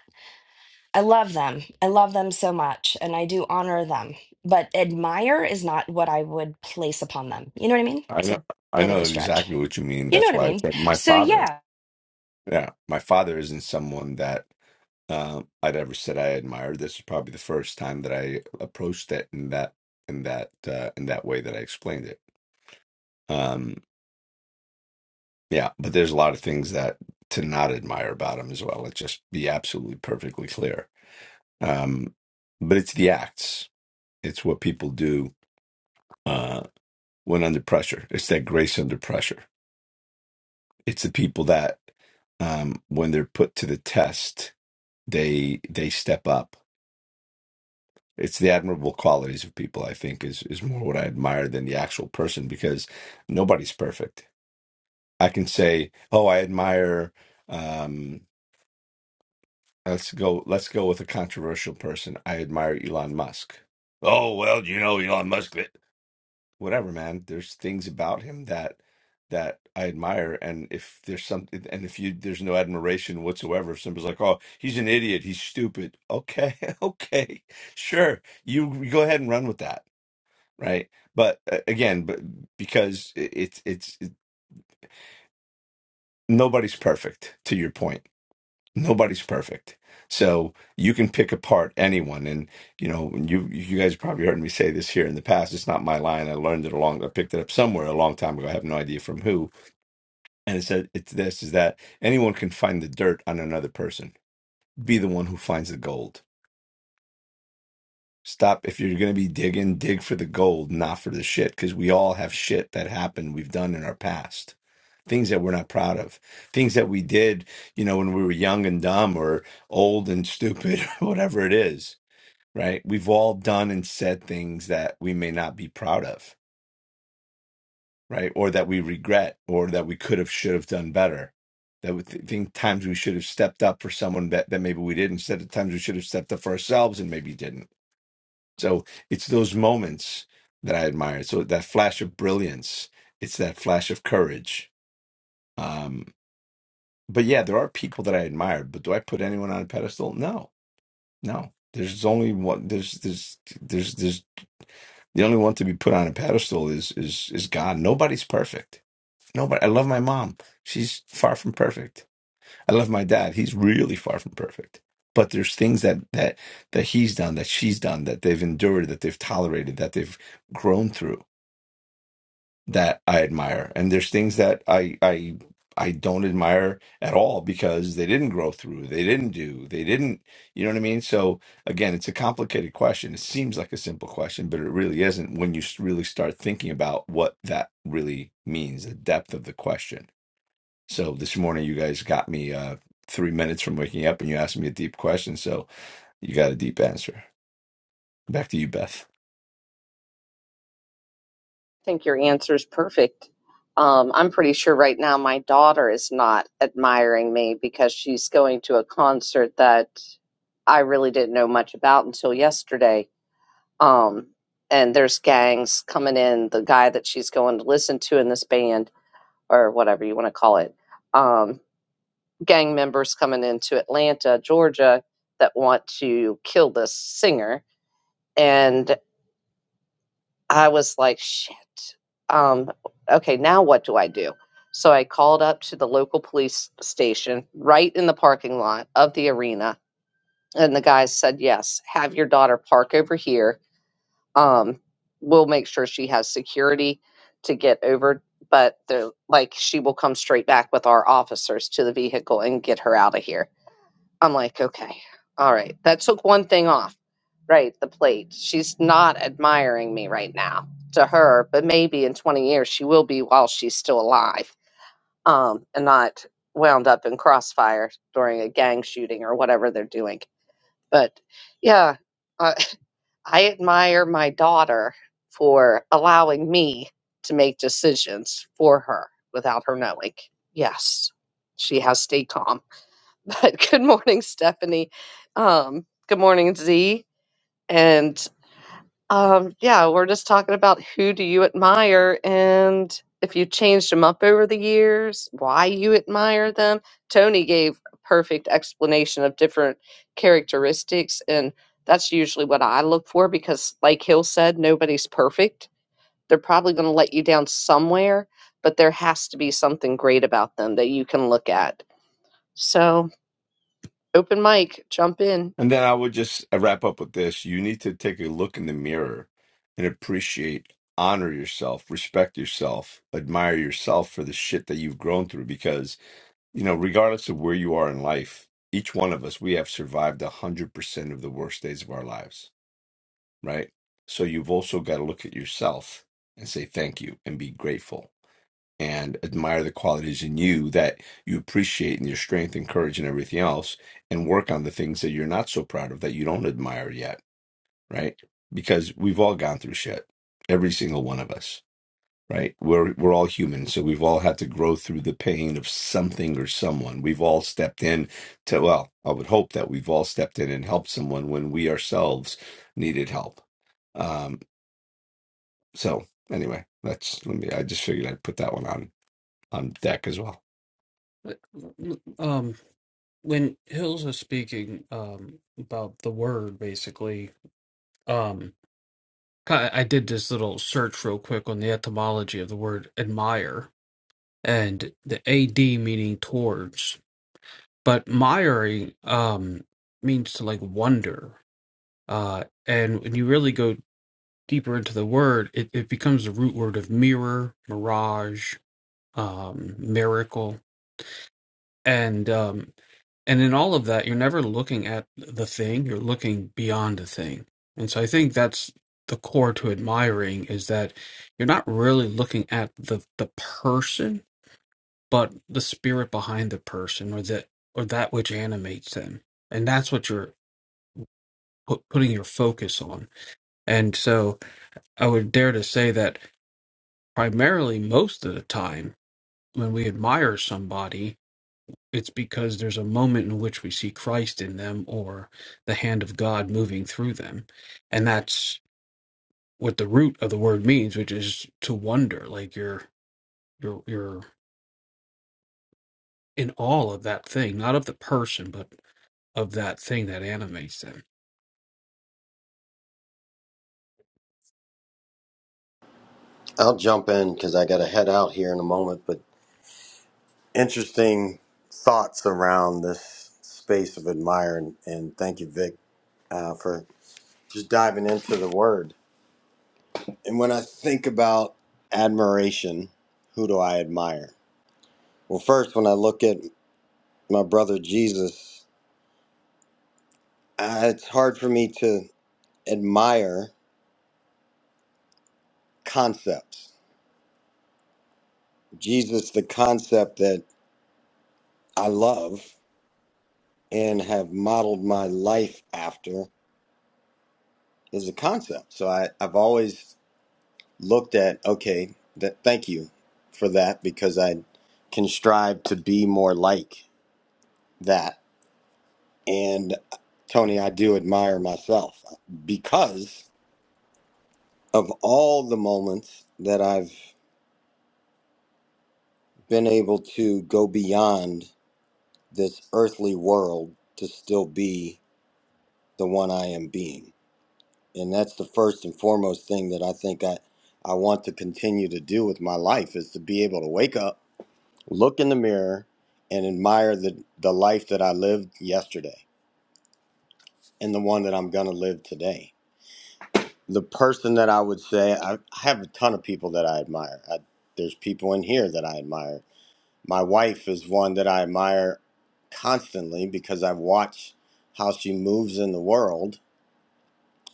[SPEAKER 4] I love them. I love them so much and I do honor them. But admire is not what I would place upon them. You know what I mean?
[SPEAKER 9] I
[SPEAKER 4] It's
[SPEAKER 9] know
[SPEAKER 4] a
[SPEAKER 9] I
[SPEAKER 4] bit of a
[SPEAKER 9] know
[SPEAKER 4] stretch.
[SPEAKER 9] exactly what you mean.
[SPEAKER 4] You know what
[SPEAKER 9] That's
[SPEAKER 4] I
[SPEAKER 9] why I
[SPEAKER 4] mean?
[SPEAKER 9] said my
[SPEAKER 4] So
[SPEAKER 9] father.
[SPEAKER 4] yeah.
[SPEAKER 9] Yeah. My father isn't someone that um I'd ever said I admired. This is probably the first time that I approached it in that in that uh in that way that I explained it. Um yeah, but there's a lot of things that to not admire about him as well. Let's just be absolutely perfectly clear. Um but it's the acts. It's what people do uh, when under pressure. It's that grace under pressure. It's the people that um, when they're put to the test, they they step up. It's the admirable qualities of people. I think is is more what I admire than the actual person because nobody's perfect. I can say, oh, I admire. Um, let's go. Let's go with a controversial person. I admire Elon Musk. Oh well, you know Elon Musk. whatever, man. There's things about him that that I admire, and if there's something, and if you there's no admiration whatsoever, if somebody's like, "Oh, he's an idiot, he's stupid," okay, *laughs* okay, sure, you you go ahead and run with that, right? But uh, again, but because it, it's it's it, nobody's perfect. To your point nobody's perfect so you can pick apart anyone and you know and you you guys probably heard me say this here in the past it's not my line i learned it along i picked it up somewhere a long time ago i have no idea from who and it said it's this is that anyone can find the dirt on another person be the one who finds the gold Stop. If you're going to be digging, dig for the gold, not for the shit, because we all have shit that happened we've done in our past. Things that we're not proud of, things that we did, you know, when we were young and dumb or old and stupid, *laughs* or whatever it is, right? We've all done and said things that we may not be proud of, right? Or that we regret, or that we could have, should have done better. That we th- think times we should have stepped up for someone that, that maybe we did, instead of times we should have stepped up for ourselves and maybe didn't so it's those moments that I admire. So that flash of brilliance, it's that flash of courage. Um, but yeah, there are people that I admire. But do I put anyone on a pedestal? No, no. There's only one. There's there's there's there's the only one to be put on a pedestal is is is God. Nobody's perfect. Nobody. I love my mom. She's far from perfect. I love my dad. He's really far from perfect. But there's things that that that he's done, that she's done, that they've endured, that they've tolerated, that they've grown through that I admire, and there's things that I I I don't admire at all because they didn't grow through, they didn't do, they didn't, you know what I mean? So again, it's a complicated question. It seems like a simple question, but it really isn't when you s- really start thinking about what that really means, the depth of the question. So this morning, you guys got me uh, three minutes from waking up, and you asked me a deep question, so you got a deep answer. Back to you, Beth.
[SPEAKER 1] I think your answer is perfect. Um, I'm pretty sure right now my daughter is not admiring me because she's going to a concert that I really didn't know much about until yesterday um and there's gangs coming in the guy that she's going to listen to in this band or whatever you want to call it um gang members coming into Atlanta Georgia that want to kill this singer and I was like shit um okay now what do I do so I called up to the local police station right in the parking lot of the arena and the guy said yes have your daughter park over here um we'll make sure she has security to get over but the like she will come straight back with our officers to the vehicle and get her out of here i'm like okay all right that took one thing off right the plate she's not admiring me right now to her but maybe in 20 years she will be while she's still alive um and not wound up in crossfire during a gang shooting or whatever they're doing but yeah I, I admire my daughter for allowing me to make decisions for her without her knowing. Yes, she has stayed calm. *laughs* But good morning, Stephanie. Um, good morning, Z. And um, yeah, we're just talking about who do you admire and if you changed them up over the years, why you admire them. Tony gave a perfect explanation of different characteristics, and that's usually what I look for because, like Hill said, nobody's perfect. They're probably going to let you down somewhere, but there has to be something great about them that you can look at. So, open mic, jump in.
[SPEAKER 9] And then I would just uh, wrap up with this. You need to take a look in the mirror and appreciate, honor yourself, respect yourself, admire yourself for the shit that you've grown through. Because, you know, regardless of where you are in life, each one of us, we have survived 100% of the worst days of our lives, right? So you've also got to look at yourself and say thank you and be grateful and admire the qualities in you that you appreciate and your strength and courage and everything else, and work on the things that you're not so proud of that you don't admire yet, right? Because we've all gone through shit, every single one of us, right? We're we're all human, so we've all had to grow through the pain of something or someone. We've all stepped in to well, I would hope that we've all stepped in and helped someone when we ourselves needed help. Um, so anyway, that's let me. I just figured I'd put that one on on deck as well.
[SPEAKER 8] Um, when Hills was speaking um, about the word, basically, um, I, I did this little search real quick on the etymology of the word admire and the ad meaning towards, but miring um, means to like wonder. Uh, and when you really go deeper into the word, it, it becomes the root word of mirror, mirage, um, miracle. and um and in all of that you're never looking at the thing you're looking beyond the thing and so i think that's the core to admiring is that you're not really looking at the the person but the spirit behind the person or that or that which animates them and that's what you're put, putting your focus on and so i would dare to say that primarily most of the time when we admire somebody It's because there's a moment in which we see Christ in them or the hand of God moving through them. And that's what the root of the word means, which is to wonder, like you're you're you're in awe of that thing, not of the person, but of that thing that animates them.
[SPEAKER 10] I'll jump in because I got to head out here in a moment. But interesting thoughts around this space of admire, and, and thank you, Vic, uh, for just diving into the word. And when I think about admiration, who do I admire? Well, first, when I look at my brother Jesus, uh, it's hard for me to admire concepts. Jesus, the concept that I love and have modeled my life after is a concept. So I, I've always looked at, okay, that thank you for that because I can strive to be more like that. And Tony, I do admire myself because of all the moments that I've been able to go beyond this earthly world to still be the one I am being. And that's the first and foremost thing that I think I, I want to continue to do with my life is to be able to wake up look in the mirror and admire the, the life that I lived yesterday and the one that I'm going to live today. The person that I would say, I, I have a ton of people that I admire. I, there's people in here that I admire. My wife is one that I admire constantly because I've watched how she moves in the world.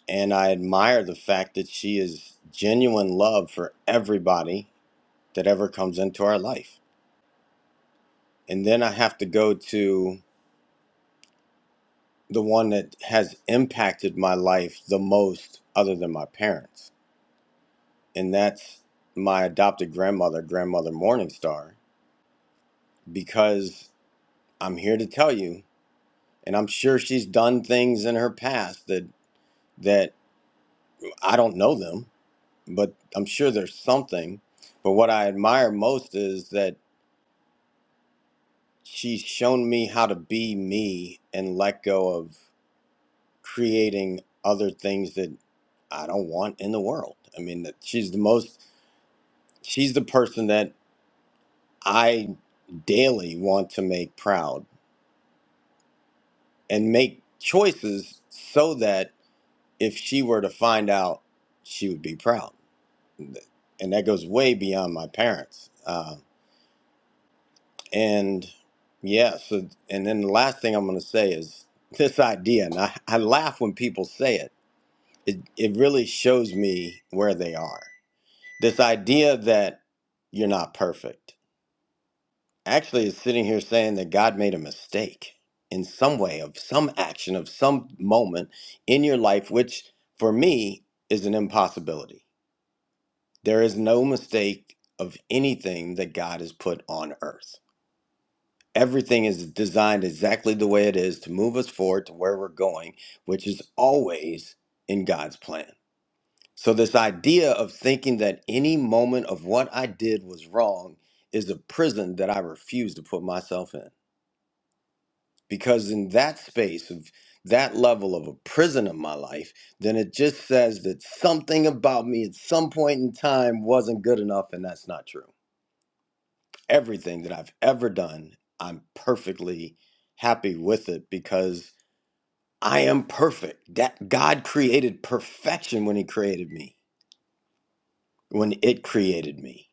[SPEAKER 10] And I admire the fact that she is genuine love for everybody that ever comes into our life. And then I have to go to the one that has impacted my life the most other than my parents and that's my adopted grandmother grandmother morningstar because i'm here to tell you and i'm sure she's done things in her past that that i don't know them but i'm sure there's something but what i admire most is that she's shown me how to be me and let go of creating other things that I don't want in the world. I mean, that she's the most she's the person that I daily want to make proud and make choices so that if she were to find out, she would be proud. And that goes way beyond my parents. Uh, and yeah, so, and then the last thing I'm going to say is *laughs* this idea, and I, I laugh when people say it. it, it really shows me where they are. This idea that you're not perfect actually is sitting here saying that God made a mistake in some way of some action of some moment in your life, which for me is an impossibility. There is no mistake of anything that God has put on earth. Everything is designed exactly the way it is to move us forward to where we're going, which is always in God's plan. So, this idea of thinking that any moment of what I did was wrong is a prison that I refuse to put myself in. because in that space of that level of a prison of my life, then it just says that something about me at some point in time wasn't good enough, and that's not true. Everything that I've ever done, I'm perfectly happy with it because I am perfect. That God created perfection when He created me, when it created me.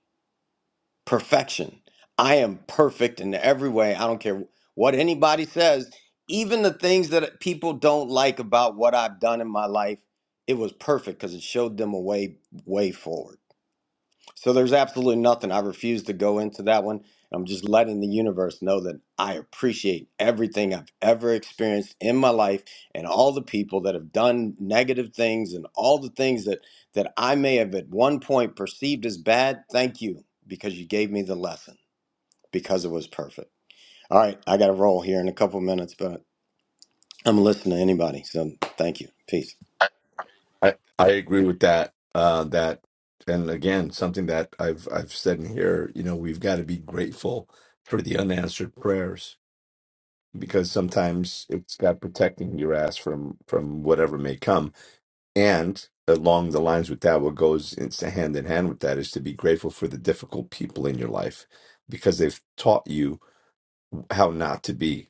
[SPEAKER 10] perfection. I am perfect in every way. I don't care what anybody says. Even the things that people don't like about what I've done in my life, it was perfect because it showed them a way way forward. So there's absolutely nothing. I refuse to go into that one. I'm just letting the universe know that I appreciate everything I've ever experienced in my life and all the people that have done negative things and all the things that that I may have at one point perceived as bad. Thank you because you gave me the lesson because it was perfect. All right, I got to roll here in a couple minutes, but I'm listening to anybody. So thank you. Peace.
[SPEAKER 9] I I agree with that. Uh, that and again, something that I've I've said in here. You know, we've got to be grateful for the unanswered prayers because sometimes it's God protecting your ass from from whatever may come. And along the lines with that, what goes it's hand in hand with that is to be grateful for the difficult people in your life because they've taught you how not to be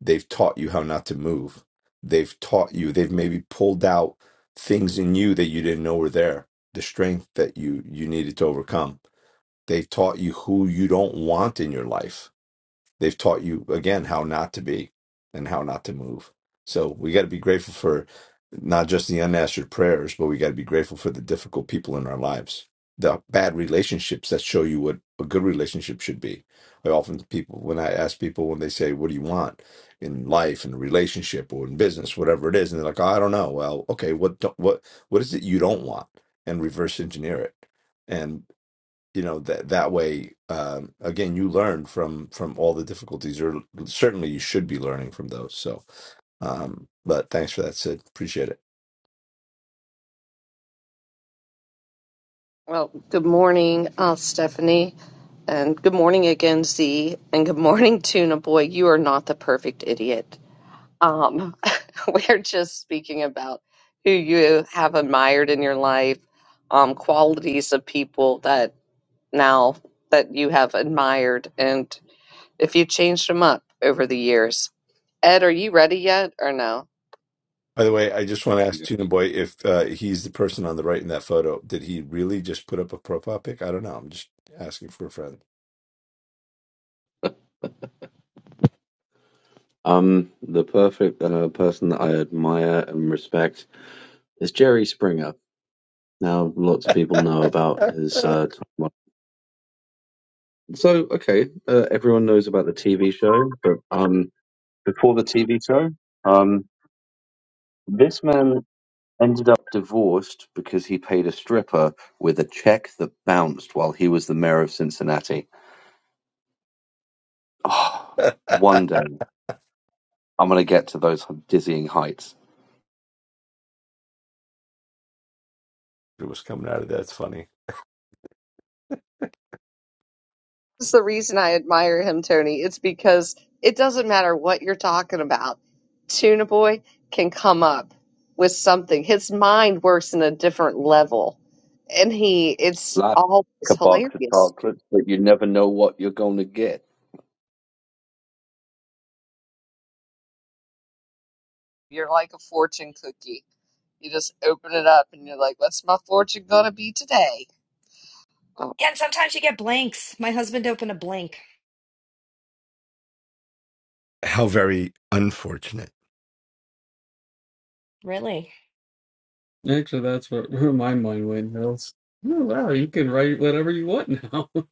[SPEAKER 9] They've taught you how not to move. They've taught you, they've maybe pulled out things in you that you didn't know were there, the strength that you you needed to overcome. They've taught you who you don't want in your life They've taught you again how not to be and how not to move. So we got to be grateful for not just the unanswered prayers, but we got to be grateful for the difficult people in our lives, the bad relationships that show you what a good relationship should be. I often people when I ask people when they say, "What do you want in life, in a relationship, or in business, whatever it is?" and they're like, "Oh, "I don't know." Well, okay, what don't, what what is it you don't want? And reverse engineer it. and you know that that way um, again you learn from from all the difficulties or certainly you should be learning from those so um, but thanks for that sid appreciate it
[SPEAKER 1] Well, good morning, uh, Stephanie, and good morning again, Z, and good morning, Tuna Boy. You are not the perfect idiot. Um, *laughs* we're just speaking about who you have admired in your life, um, qualities of people that now that you have admired, and if you changed them up over the years. Ed, are you ready yet or no?
[SPEAKER 9] by the way i just
[SPEAKER 11] Yeah, I
[SPEAKER 9] want to
[SPEAKER 11] can
[SPEAKER 9] ask
[SPEAKER 11] do
[SPEAKER 9] tuna boy if uh, he's the person on the right in that photo did he really just put up a profile pic i don't know i'm just asking for a friend
[SPEAKER 11] Um, the perfect uh, person that I admire and respect is Jerry Springer. Now, lots of people know about his. Uh, time on- so, okay, uh, everyone knows about the TV show, but um, before the TV show, um, this man ended up divorced because he paid a stripper with a check that bounced while he was the mayor of Cincinnati. Oh, one day, I'm going to get to those dizzying heights.
[SPEAKER 9] it was coming out of that. It's funny
[SPEAKER 1] That's the reason I admire him, Tony. It's because it doesn't matter what you're talking about. Tuna Boy can come up with something. His mind works in a different level. And he, it's
[SPEAKER 11] like
[SPEAKER 1] always
[SPEAKER 11] a box of
[SPEAKER 1] hilarious.
[SPEAKER 11] chocolates, but you never know what you're going to get.
[SPEAKER 1] You're like a fortune cookie. You just open it up and you're like, what's my fortune gonna be today? Oh.
[SPEAKER 4] Yeah, And sometimes you get blanks. My husband opened a blank.
[SPEAKER 9] How very unfortunate.
[SPEAKER 4] Really?
[SPEAKER 8] Actually, that's what *laughs* where my mind went. I was, oh, wow, you can write whatever you want now. *laughs*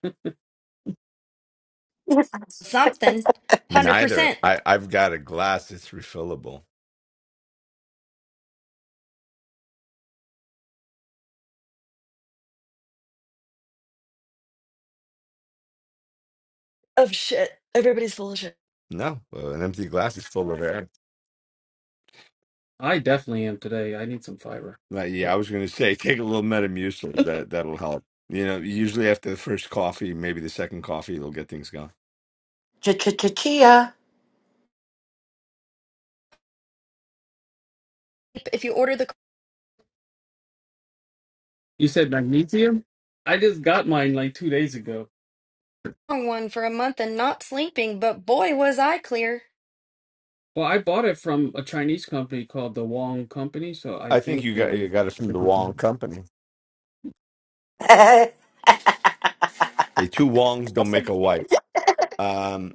[SPEAKER 4] Something.
[SPEAKER 9] Neither.
[SPEAKER 4] 100%
[SPEAKER 9] I, I've got a glass that's refillable.
[SPEAKER 4] of shit. Everybody's full of shit.
[SPEAKER 9] No, well, an empty glass is full of air.
[SPEAKER 8] I definitely am today. I need some fiber.
[SPEAKER 9] Like, yeah, I
[SPEAKER 8] But
[SPEAKER 9] was going to say *laughs* take a little
[SPEAKER 4] *laughs*
[SPEAKER 9] Metamucil. That that'll help. You know, usually after the first coffee, maybe the second coffee, it'll get things going.
[SPEAKER 12] Ch-ch-ch-chia.
[SPEAKER 4] if you order the
[SPEAKER 8] you said magnesium? I just got mine like two days ago.
[SPEAKER 4] wrong one for a month and not sleeping, but boy was I clear.
[SPEAKER 8] Well, I bought it from a Chinese company called the Wong Company, so I
[SPEAKER 9] I think
[SPEAKER 8] think
[SPEAKER 9] you got you
[SPEAKER 8] um,
[SPEAKER 9] got it from the wrong company. Hey, two wongs don't make a white. Um,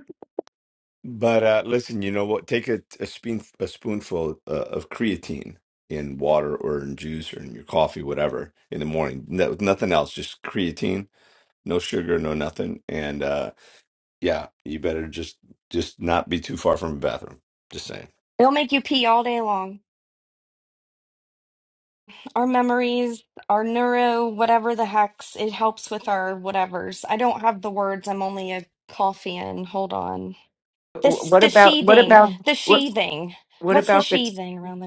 [SPEAKER 9] but uh, listen, you know what? Take a, a spoon a spoonful uh, of creatine in water or in juice or in your coffee, whatever, in the morning. No, nothing else, just creatine, no sugar, no nothing. And uh, yeah, you better just just not be too far from a bathroom. Just saying.
[SPEAKER 4] They'll make you pee all day long. our memories, our neuro, whatever the hex, it helps with our whatevers. I don't have the words. I'm only a coffee and hold on. This
[SPEAKER 12] What
[SPEAKER 4] the
[SPEAKER 12] about what
[SPEAKER 4] sheathing,
[SPEAKER 12] about
[SPEAKER 4] the
[SPEAKER 12] what
[SPEAKER 4] sheathing.
[SPEAKER 12] what
[SPEAKER 4] What's the
[SPEAKER 12] about the
[SPEAKER 4] sheathing around the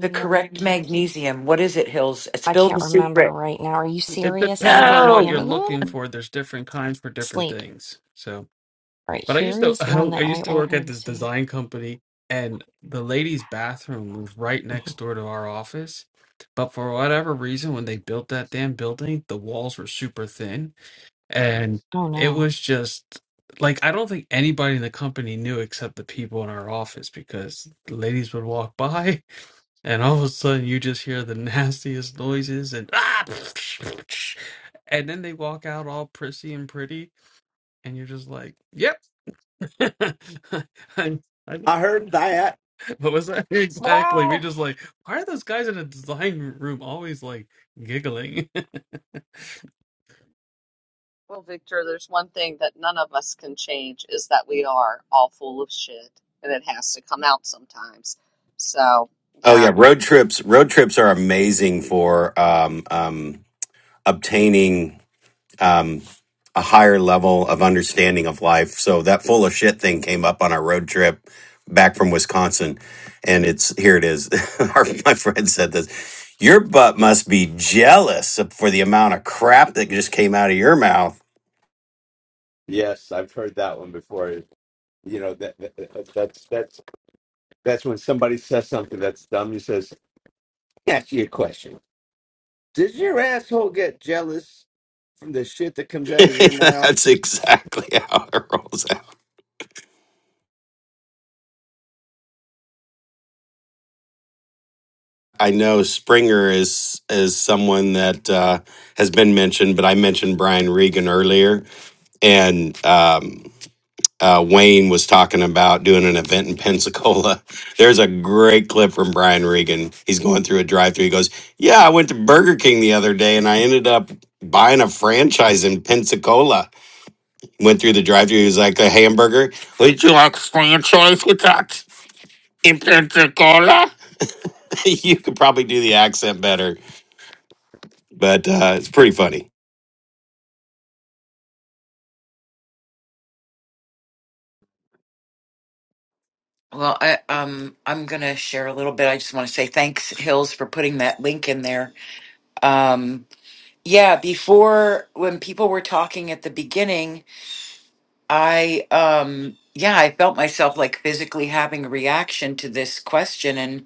[SPEAKER 12] the
[SPEAKER 4] nerve
[SPEAKER 12] correct
[SPEAKER 4] tubes?
[SPEAKER 12] magnesium? What is it, Hills?
[SPEAKER 4] I
[SPEAKER 12] Spill the
[SPEAKER 4] can't remember
[SPEAKER 12] secret.
[SPEAKER 4] right now. Are you
[SPEAKER 8] it
[SPEAKER 4] serious? Let me
[SPEAKER 8] depends
[SPEAKER 4] look
[SPEAKER 8] on
[SPEAKER 4] at my
[SPEAKER 8] what
[SPEAKER 12] No.
[SPEAKER 8] you're
[SPEAKER 4] Amazon.
[SPEAKER 8] looking for. There's different kinds for different
[SPEAKER 4] Sleep.
[SPEAKER 8] things. So,
[SPEAKER 4] All right,
[SPEAKER 8] but I used
[SPEAKER 4] here
[SPEAKER 8] to
[SPEAKER 4] is one
[SPEAKER 8] *laughs* I
[SPEAKER 4] that I
[SPEAKER 8] used to work at
[SPEAKER 4] ordered.
[SPEAKER 8] this
[SPEAKER 4] See.
[SPEAKER 8] design company, and the ladies' bathroom was right next
[SPEAKER 4] Mhm.
[SPEAKER 8] door to our office. But for whatever reason, when they built that damn building, the walls were super thin, and
[SPEAKER 4] Oh
[SPEAKER 8] it
[SPEAKER 4] no.
[SPEAKER 8] was just like I don't think anybody in the company knew except the people in our office because the ladies would walk *laughs* by and all of a sudden you just hear the *laughs* nastiest noises and ah, and then they walk out all prissy and pretty, and you're just like, yep. *laughs* i i
[SPEAKER 9] I heard that.
[SPEAKER 8] what was that *laughs* exactly? We're
[SPEAKER 4] Wow.
[SPEAKER 8] just like, why are those guys in a design room always like giggling? *laughs*
[SPEAKER 1] Well, Victor, there's one thing that none of us can change is that we are all full of shit and it has to come out sometimes. So,
[SPEAKER 3] Oh
[SPEAKER 1] yeah.
[SPEAKER 3] yeah, road trips. Road trips are amazing for um, um, obtaining um, a higher level of understanding of life. So that full of shit thing came up on our road trip back from Wisconsin, and it's here it is. *laughs* our, my friend said this. Your butt must be jealous for the amount of crap that just came out of your mouth.
[SPEAKER 9] Yes, I've heard that one before. You know that, that that- that's that's that's when somebody says something that's dumb. You says, "Let me "Ask you a question. Does your asshole get jealous from the shit that comes
[SPEAKER 3] *laughs*
[SPEAKER 9] out of your mouth?"
[SPEAKER 3] That's exactly how it rolls out. I know Springer is is someone that uh, has been mentioned, but I mentioned Brian Regan earlier, and um, uh, Wayne was talking about doing an event in Pensacola. *laughs* There's a great clip from Brian Regan. He's going through a drive-through. He goes, "Yeah, I went to Burger King the other day, and I ended up buying a franchise in Pensacola. Went through the drive-through. He was like a hamburger. Would you like a franchise with that in Pensacola? *laughs* you could probably do the accent better, but uh, it's pretty funny.
[SPEAKER 12] Well, I um I'm gonna share a little bit. I just want to say thanks, Hills, for putting that link in there. Um yeah, before when people were talking at the beginning, I um yeah, I felt myself like physically having a reaction to this question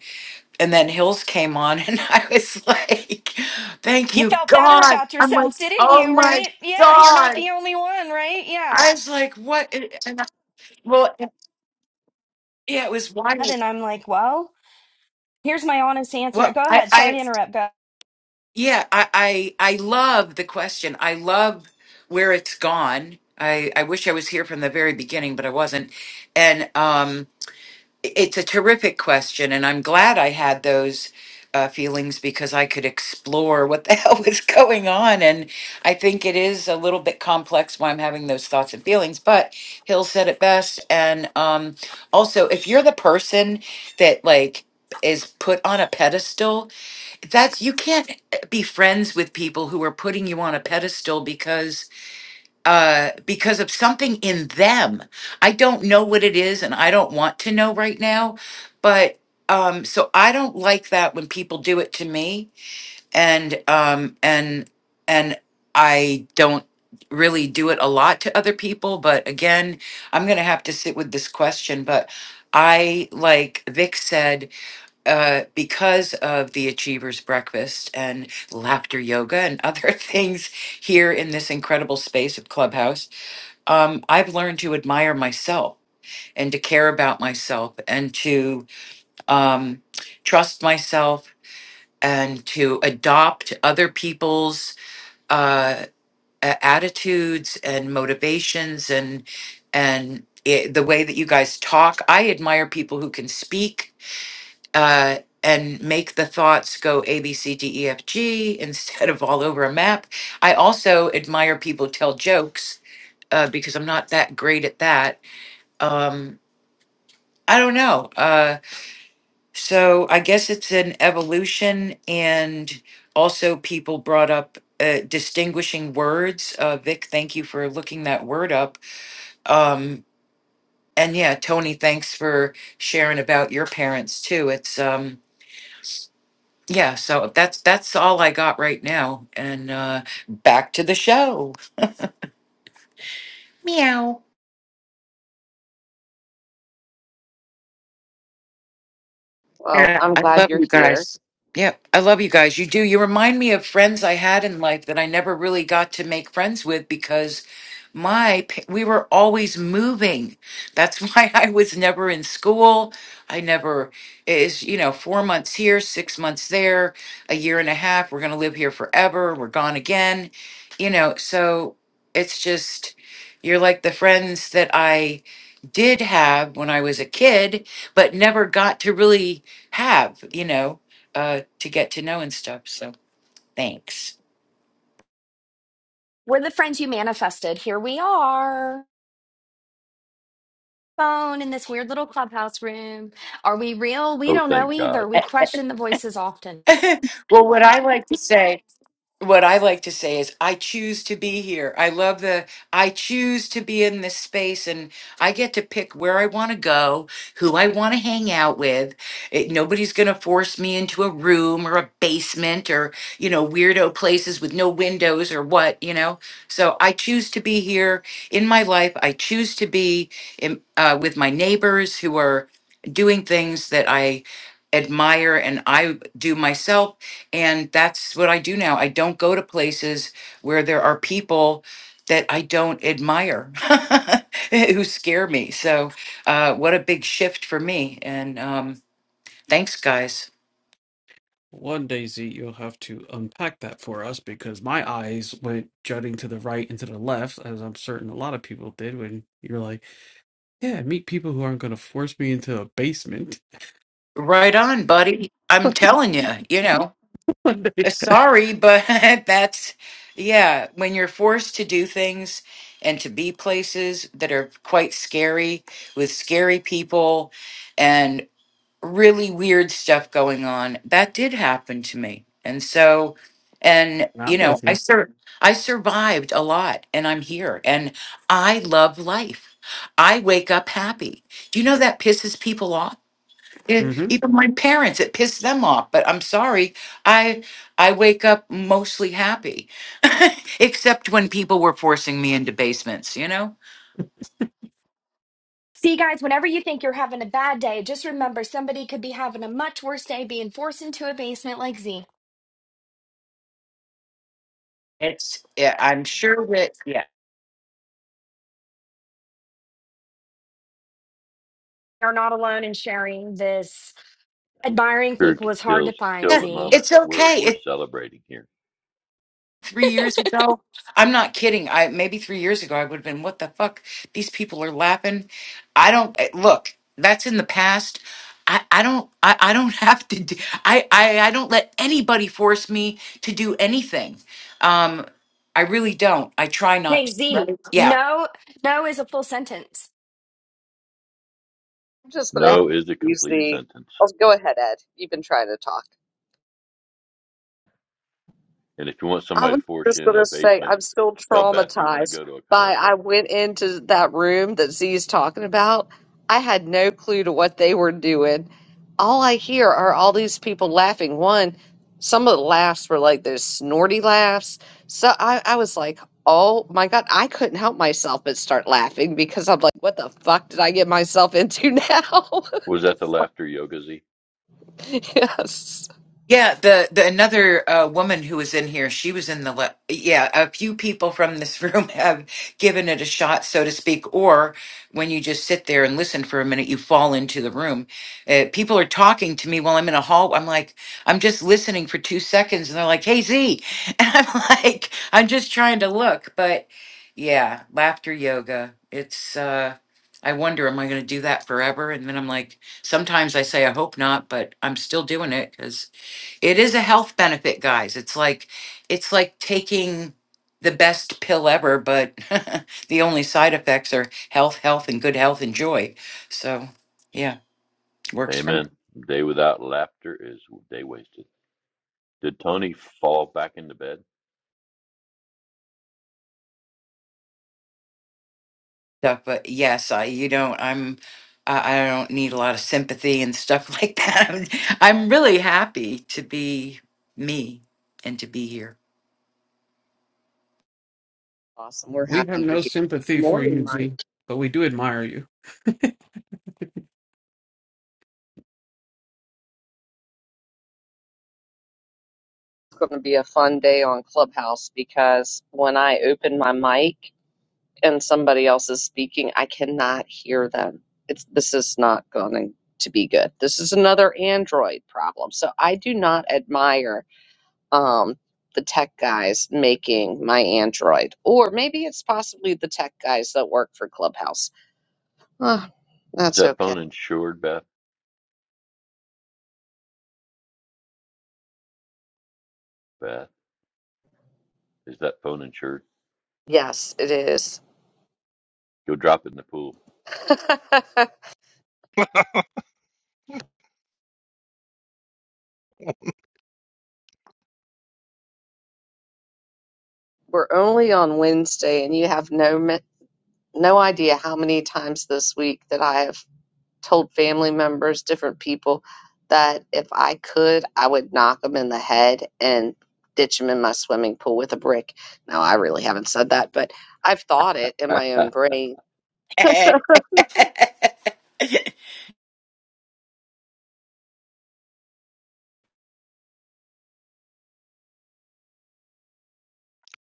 [SPEAKER 12] and then Hills came on, *laughs* and I was like, "Thank
[SPEAKER 4] You
[SPEAKER 12] you,
[SPEAKER 4] felt better
[SPEAKER 12] God!"
[SPEAKER 4] about
[SPEAKER 12] I'm like,
[SPEAKER 4] yourself, didn't
[SPEAKER 12] "Oh
[SPEAKER 4] you?
[SPEAKER 12] my
[SPEAKER 4] Right? Yeah, you're not
[SPEAKER 12] God!"
[SPEAKER 4] the only one, right? Yeah.
[SPEAKER 12] I was like, "What?" And and I, well, yeah, it was wild.
[SPEAKER 4] And I'm like, well, Here's my honest answer.
[SPEAKER 12] Well,
[SPEAKER 4] Go
[SPEAKER 12] I,
[SPEAKER 4] ahead. Sorry
[SPEAKER 12] I,
[SPEAKER 4] to interrupt. Go.
[SPEAKER 12] yeah, I, I, I love the question. I love where it's gone. I, I wish I was here from the very beginning, but I wasn't. And um, It's a terrific question, and I'm glad I had those uh, feelings because I could explore what the *laughs* hell was going on. And I think it is a little bit complex why I'm having those thoughts and feelings, but Hill said it best. And um, also, if you're the person that like is put on a pedestal, that's you can't eh, be friends with people who are putting you on a pedestal because uh, because of something in them. I don't know what it is and I don't want to know right now. But um, so I don't like that when people do it to me and um, and and I don't really do it a lot to other people. But again, I'm gonna have to sit with this question. But I like Vic said, uh, because of the Achievers Breakfast and laughter yoga and other *laughs* things here in this incredible space of Clubhouse um, I've learned to admire myself and to care about myself and to um, trust myself and to adopt other people's uh, a- attitudes and motivations and and it, the way that you guys talk. I admire people who can speak. Uh, and make the thoughts go A, B, C, D, E, F, G *laughs* instead of all over a map. I also admire people who tell jokes uh, because I'm not that great at that. Um, I don't know. Uh, so I guess it's an evolution, and also people brought up uh, distinguishing words. Uh, Vic, thank you for looking that word up. Um, and yeah, Tony, thanks for sharing about your parents too. It's um, yeah. So that's that's all I got right now. And uh, back to the show. Meow.
[SPEAKER 1] Well,
[SPEAKER 12] Yeah,
[SPEAKER 1] I'm
[SPEAKER 12] I
[SPEAKER 1] glad
[SPEAKER 12] love
[SPEAKER 1] you're
[SPEAKER 12] you
[SPEAKER 1] here.
[SPEAKER 12] guys. Yeah, I love you guys. You do. You remind me of friends I had in life that I never really got to make friends with because my pa- we were always moving. That's *laughs* why I was never in school. I never is, you know, 4 months here, 6 months there, a year and a half. We're going to live here forever. We're gone again. You know, so it's just you're like the friends that I did have when I was a kid, but never got to really have, you know, uh, to get to know and stuff. So thanks.
[SPEAKER 4] We're the friends you manifested. Here we are. Phone in this weird little clubhouse room. Are we real? We
[SPEAKER 13] Oh,
[SPEAKER 4] don't know
[SPEAKER 13] thank God.
[SPEAKER 4] either. We question the voices often.
[SPEAKER 12] *laughs* well, what I like to say what I like to say is, I choose to be here. I love the, I choose to be in this space and I get to pick where I want to go, who I want to hang out with. It, nobody's going to force me into a room or a basement or, you know, weirdo places with no windows or what, you know? So I choose to be here in my life. I choose to be in, uh, with my neighbors who are doing things that I admire and I do myself and that's what I do now. I don't go to places where there are people that I don't admire, *laughs* who scare me. So, uh, what a big shift for me. And um, thanks, guys.
[SPEAKER 8] One day, Z, you'll have to unpack that for us because my eyes went jutting to the right and to the left, as I'm certain a lot of people did when you're like, yeah, meet people who aren't going to force me into a basement.
[SPEAKER 12] Right on, buddy.
[SPEAKER 8] *laughs*
[SPEAKER 12] I'm telling you, you know,
[SPEAKER 8] one day.
[SPEAKER 12] uh, sorry, but *laughs* that's, yeah, when you're forced to do things and to be places that are quite scary with scary people really weird stuff going on that did happen to me and so and
[SPEAKER 8] *laughs* I'm
[SPEAKER 12] you
[SPEAKER 8] with
[SPEAKER 12] know i
[SPEAKER 8] you.
[SPEAKER 12] sur- i survived a lot and i'm here and i love life i wake up happy do you know that pisses people off Eh,
[SPEAKER 8] hmm
[SPEAKER 12] even my parents it pissed them off but i'm sorry i i wake up mostly happy *laughs* except when people were forcing me into basements you know
[SPEAKER 4] See, guys, whenever you think you're having a bad day, just remember somebody could be having a much worse day being forced into a basement like Z.
[SPEAKER 12] it's yeah, i'm sure that yeah
[SPEAKER 4] You're not alone in sharing this. Admiring
[SPEAKER 13] Sure
[SPEAKER 4] people is hard to
[SPEAKER 13] kills
[SPEAKER 4] find,
[SPEAKER 12] yeah,
[SPEAKER 13] kill the
[SPEAKER 4] Z.
[SPEAKER 13] moment.
[SPEAKER 12] it's
[SPEAKER 13] We're we're
[SPEAKER 12] okay
[SPEAKER 13] celebrating here.
[SPEAKER 12] three years ago. I'm not kidding. I maybe three years ago I would have been, what the fuck? These people are laughing. I don't eh, look. That's in the past. I, I don't I, I don't *laughs* have to do, I, I I don't let anybody force me to do anything. Um I really don't. I try not
[SPEAKER 4] Hey,
[SPEAKER 12] to.
[SPEAKER 4] Z,
[SPEAKER 12] Right. Yeah,
[SPEAKER 4] no, no is a full sentence.
[SPEAKER 1] I'm just going to
[SPEAKER 13] No is a
[SPEAKER 1] use
[SPEAKER 13] complete
[SPEAKER 1] the.
[SPEAKER 13] sentence.
[SPEAKER 1] Oh, go ahead, Ed. You've been trying to talk.
[SPEAKER 13] And if you want
[SPEAKER 1] I
[SPEAKER 13] somebody
[SPEAKER 1] was
[SPEAKER 13] to force
[SPEAKER 1] just
[SPEAKER 13] you
[SPEAKER 1] going
[SPEAKER 13] into a
[SPEAKER 1] to say
[SPEAKER 13] basement,
[SPEAKER 1] I'm still
[SPEAKER 13] tell Beth you want to
[SPEAKER 1] traumatized
[SPEAKER 13] go to a
[SPEAKER 1] by I
[SPEAKER 13] concert.
[SPEAKER 1] went into that room that Z's talking about. I had no clue to what they were doing. All I hear are all these people laughing. One, some of the laughs were like those snorty laughs. So I, I was like, oh my God, I couldn't help myself but start laughing because I'm like, what the fuck did I get myself into now? *laughs*
[SPEAKER 13] Was that the laughter yoga Z?
[SPEAKER 1] *laughs* Yes.
[SPEAKER 12] Yeah, the the another uh, woman who was in here, she was in the le- yeah. A few people from this *laughs* room have given it a shot, so to speak. Or when you just sit there and listen for a minute, you fall into the room. Uh, people are talking to me while I'm in a hall. I'm like, I'm just listening for two seconds, and they're like, "Hey Z," *laughs* and I'm like, I'm just trying to look. But yeah, laughter yoga. It's uh, I wonder, am I going to do that forever? And then I'm like, sometimes I say, I hope not, but I'm still doing it because. It is a health benefit, guys. It's like it's like taking the best pill ever, but *laughs* the only side effects are health, health, and good health and joy. So, yeah, works for me.
[SPEAKER 13] Amen. Day without laughter is day wasted. Did Tony fall back into bed?
[SPEAKER 12] Stuff, but yes, I you don't. I'm I, I don't need a lot of sympathy and stuff *laughs* like that. I'm, I'm really happy to be me and to be here.
[SPEAKER 1] Awesome. We're
[SPEAKER 8] We have
[SPEAKER 1] happy you're
[SPEAKER 8] no
[SPEAKER 1] here.
[SPEAKER 8] sympathy for
[SPEAKER 1] Morning,
[SPEAKER 8] you,
[SPEAKER 1] Mike.
[SPEAKER 8] Z, but we do admire you. *laughs*
[SPEAKER 1] It's going to be a fun day on Clubhouse because when I open my mic and somebody else is speaking, I cannot hear them. It's this is not going to be good. This is another Android problem. So I do not admire um the tech guys making my Android, or maybe it's possibly the tech guys that work for Clubhouse. Ah,
[SPEAKER 13] Is
[SPEAKER 1] that's
[SPEAKER 13] that
[SPEAKER 1] okay.
[SPEAKER 13] phone insured, Beth? Beth, is that phone insured?
[SPEAKER 1] Yes, it is.
[SPEAKER 13] Go drop it in the pool.
[SPEAKER 1] *laughs*
[SPEAKER 6] *laughs*
[SPEAKER 1] We're only on Wednesday, and you have no me- no idea how many times this week that I have told family members, different people, that if I could, I would knock them in the head and ditch them in my swimming pool with a brick. Now, I really haven't said that, but I've thought it in
[SPEAKER 13] *laughs*
[SPEAKER 1] my own brain.
[SPEAKER 12] *laughs* has,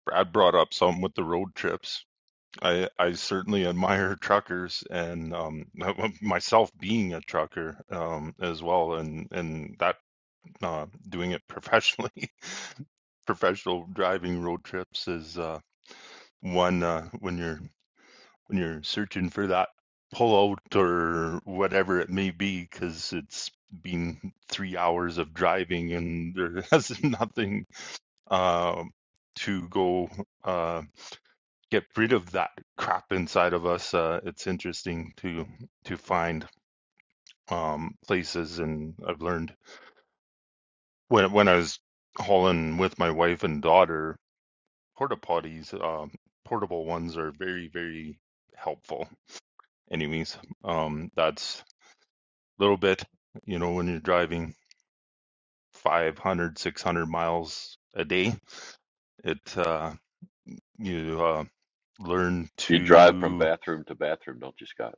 [SPEAKER 6] Brad brought up something with the road trips. I I certainly admire *laughs* truckers and um, myself being a trucker um, as well, and and that uh, doing it professionally, *laughs* professional driving road trips is uh, one uh, when you're when you're searching for that pullout or whatever it may be, because it's been three hours of driving and there *laughs* has nothing uh, to go. uh, get rid of that crap inside of us. Uh, it's interesting to to find um, places, and I've learned when when I was hauling with my wife and daughter, porta potties, um, portable ones are very very helpful. Anyways, um, that's a little bit, you know, when you're driving 500, 600 miles a day, it uh, you uh, learn
[SPEAKER 13] you drive from
[SPEAKER 6] to
[SPEAKER 13] bathroom to bathroom, don't you, Scott?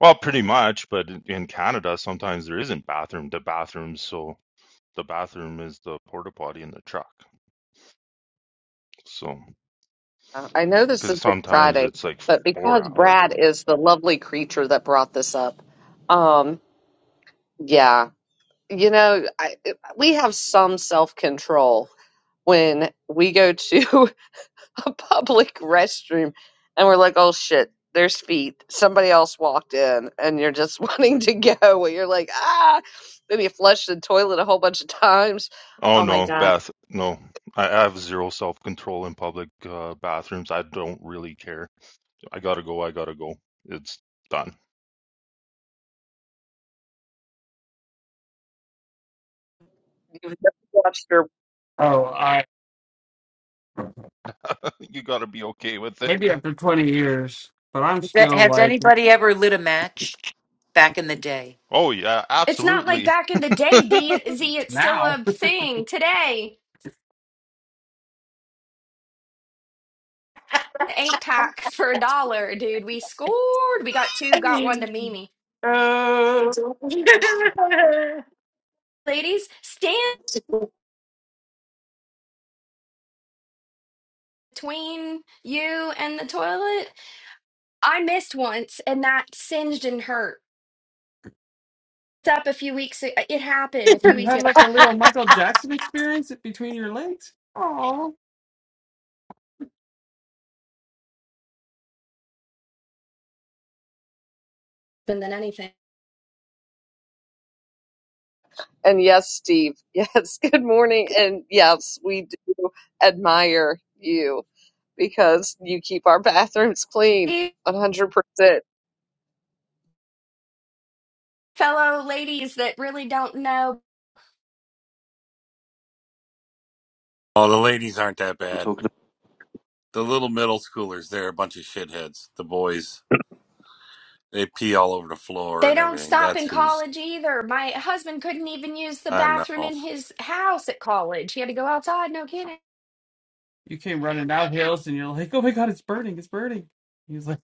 [SPEAKER 6] Well, pretty much, but in in Canada, sometimes there isn't bathroom to bathrooms, so the bathroom is the porta potty in the truck. So,
[SPEAKER 1] Uh, I know this
[SPEAKER 6] because
[SPEAKER 1] is
[SPEAKER 6] sometimes
[SPEAKER 1] Friday,
[SPEAKER 6] it's like
[SPEAKER 1] but
[SPEAKER 6] four
[SPEAKER 1] because
[SPEAKER 6] hours.
[SPEAKER 1] Brad is the lovely creature that brought this up, um, yeah, you know, I, we have some self control when we go to *laughs* a public restroom and we're like, oh shit, there's feet. Somebody else walked in and you're just *laughs* wanting to go and you're like, ah, then you flush the toilet a whole bunch of times.
[SPEAKER 6] Oh
[SPEAKER 1] Oh my
[SPEAKER 6] no,
[SPEAKER 1] God.
[SPEAKER 6] Beth, no, I I have zero self-control in public uh, bathrooms. I don't really care. I gotta go. I gotta go. It's done. *laughs*
[SPEAKER 1] You've never watched her. *laughs*
[SPEAKER 8] Oh, I
[SPEAKER 6] You gotta be okay with it.
[SPEAKER 8] maybe
[SPEAKER 6] *laughs*
[SPEAKER 8] after 20 years, but I'm still
[SPEAKER 12] has
[SPEAKER 8] like
[SPEAKER 12] anybody ever lit a match back in the day?
[SPEAKER 6] Oh yeah,
[SPEAKER 4] It's not like
[SPEAKER 6] absolutely.
[SPEAKER 4] back in the
[SPEAKER 6] *laughs*
[SPEAKER 4] day, D- Z. It's still
[SPEAKER 8] now.
[SPEAKER 4] a thing today. The eight pack for a dollar, dude. We scored. We got two, got
[SPEAKER 12] *laughs*
[SPEAKER 4] one to Mimi.
[SPEAKER 12] Oh. Can
[SPEAKER 4] Ladies, stand between you and the toilet. I missed once, and that singed and hurt. It's up a few weeks. ago. It happened a few
[SPEAKER 8] You
[SPEAKER 4] weeks
[SPEAKER 8] had
[SPEAKER 4] ago.
[SPEAKER 8] like a little Michael Jackson experience between your legs. Oh,
[SPEAKER 4] Than than anything,
[SPEAKER 1] And yes, Steve. Yes. *laughs* Good morning. And yes, we do admire you because you keep our bathrooms clean
[SPEAKER 4] You
[SPEAKER 1] 100%. Here
[SPEAKER 4] fellow ladies that really don't know.
[SPEAKER 14] Oh, the ladies aren't that
[SPEAKER 11] We're
[SPEAKER 14] bad.
[SPEAKER 11] talking.
[SPEAKER 14] The little middle schoolers, they're a bunch of shitheads. The boys, they pee all over the floor
[SPEAKER 4] They
[SPEAKER 14] and
[SPEAKER 4] don't
[SPEAKER 14] everything.
[SPEAKER 4] stop
[SPEAKER 14] That's
[SPEAKER 4] in
[SPEAKER 14] who's,
[SPEAKER 4] college either. My husband couldn't even use the
[SPEAKER 14] I know.
[SPEAKER 4] bathroom in his house at college. He had to go outside. No kidding
[SPEAKER 8] you came running down hills, and you're like, "Oh my God, it's burning! It's burning!" He was like,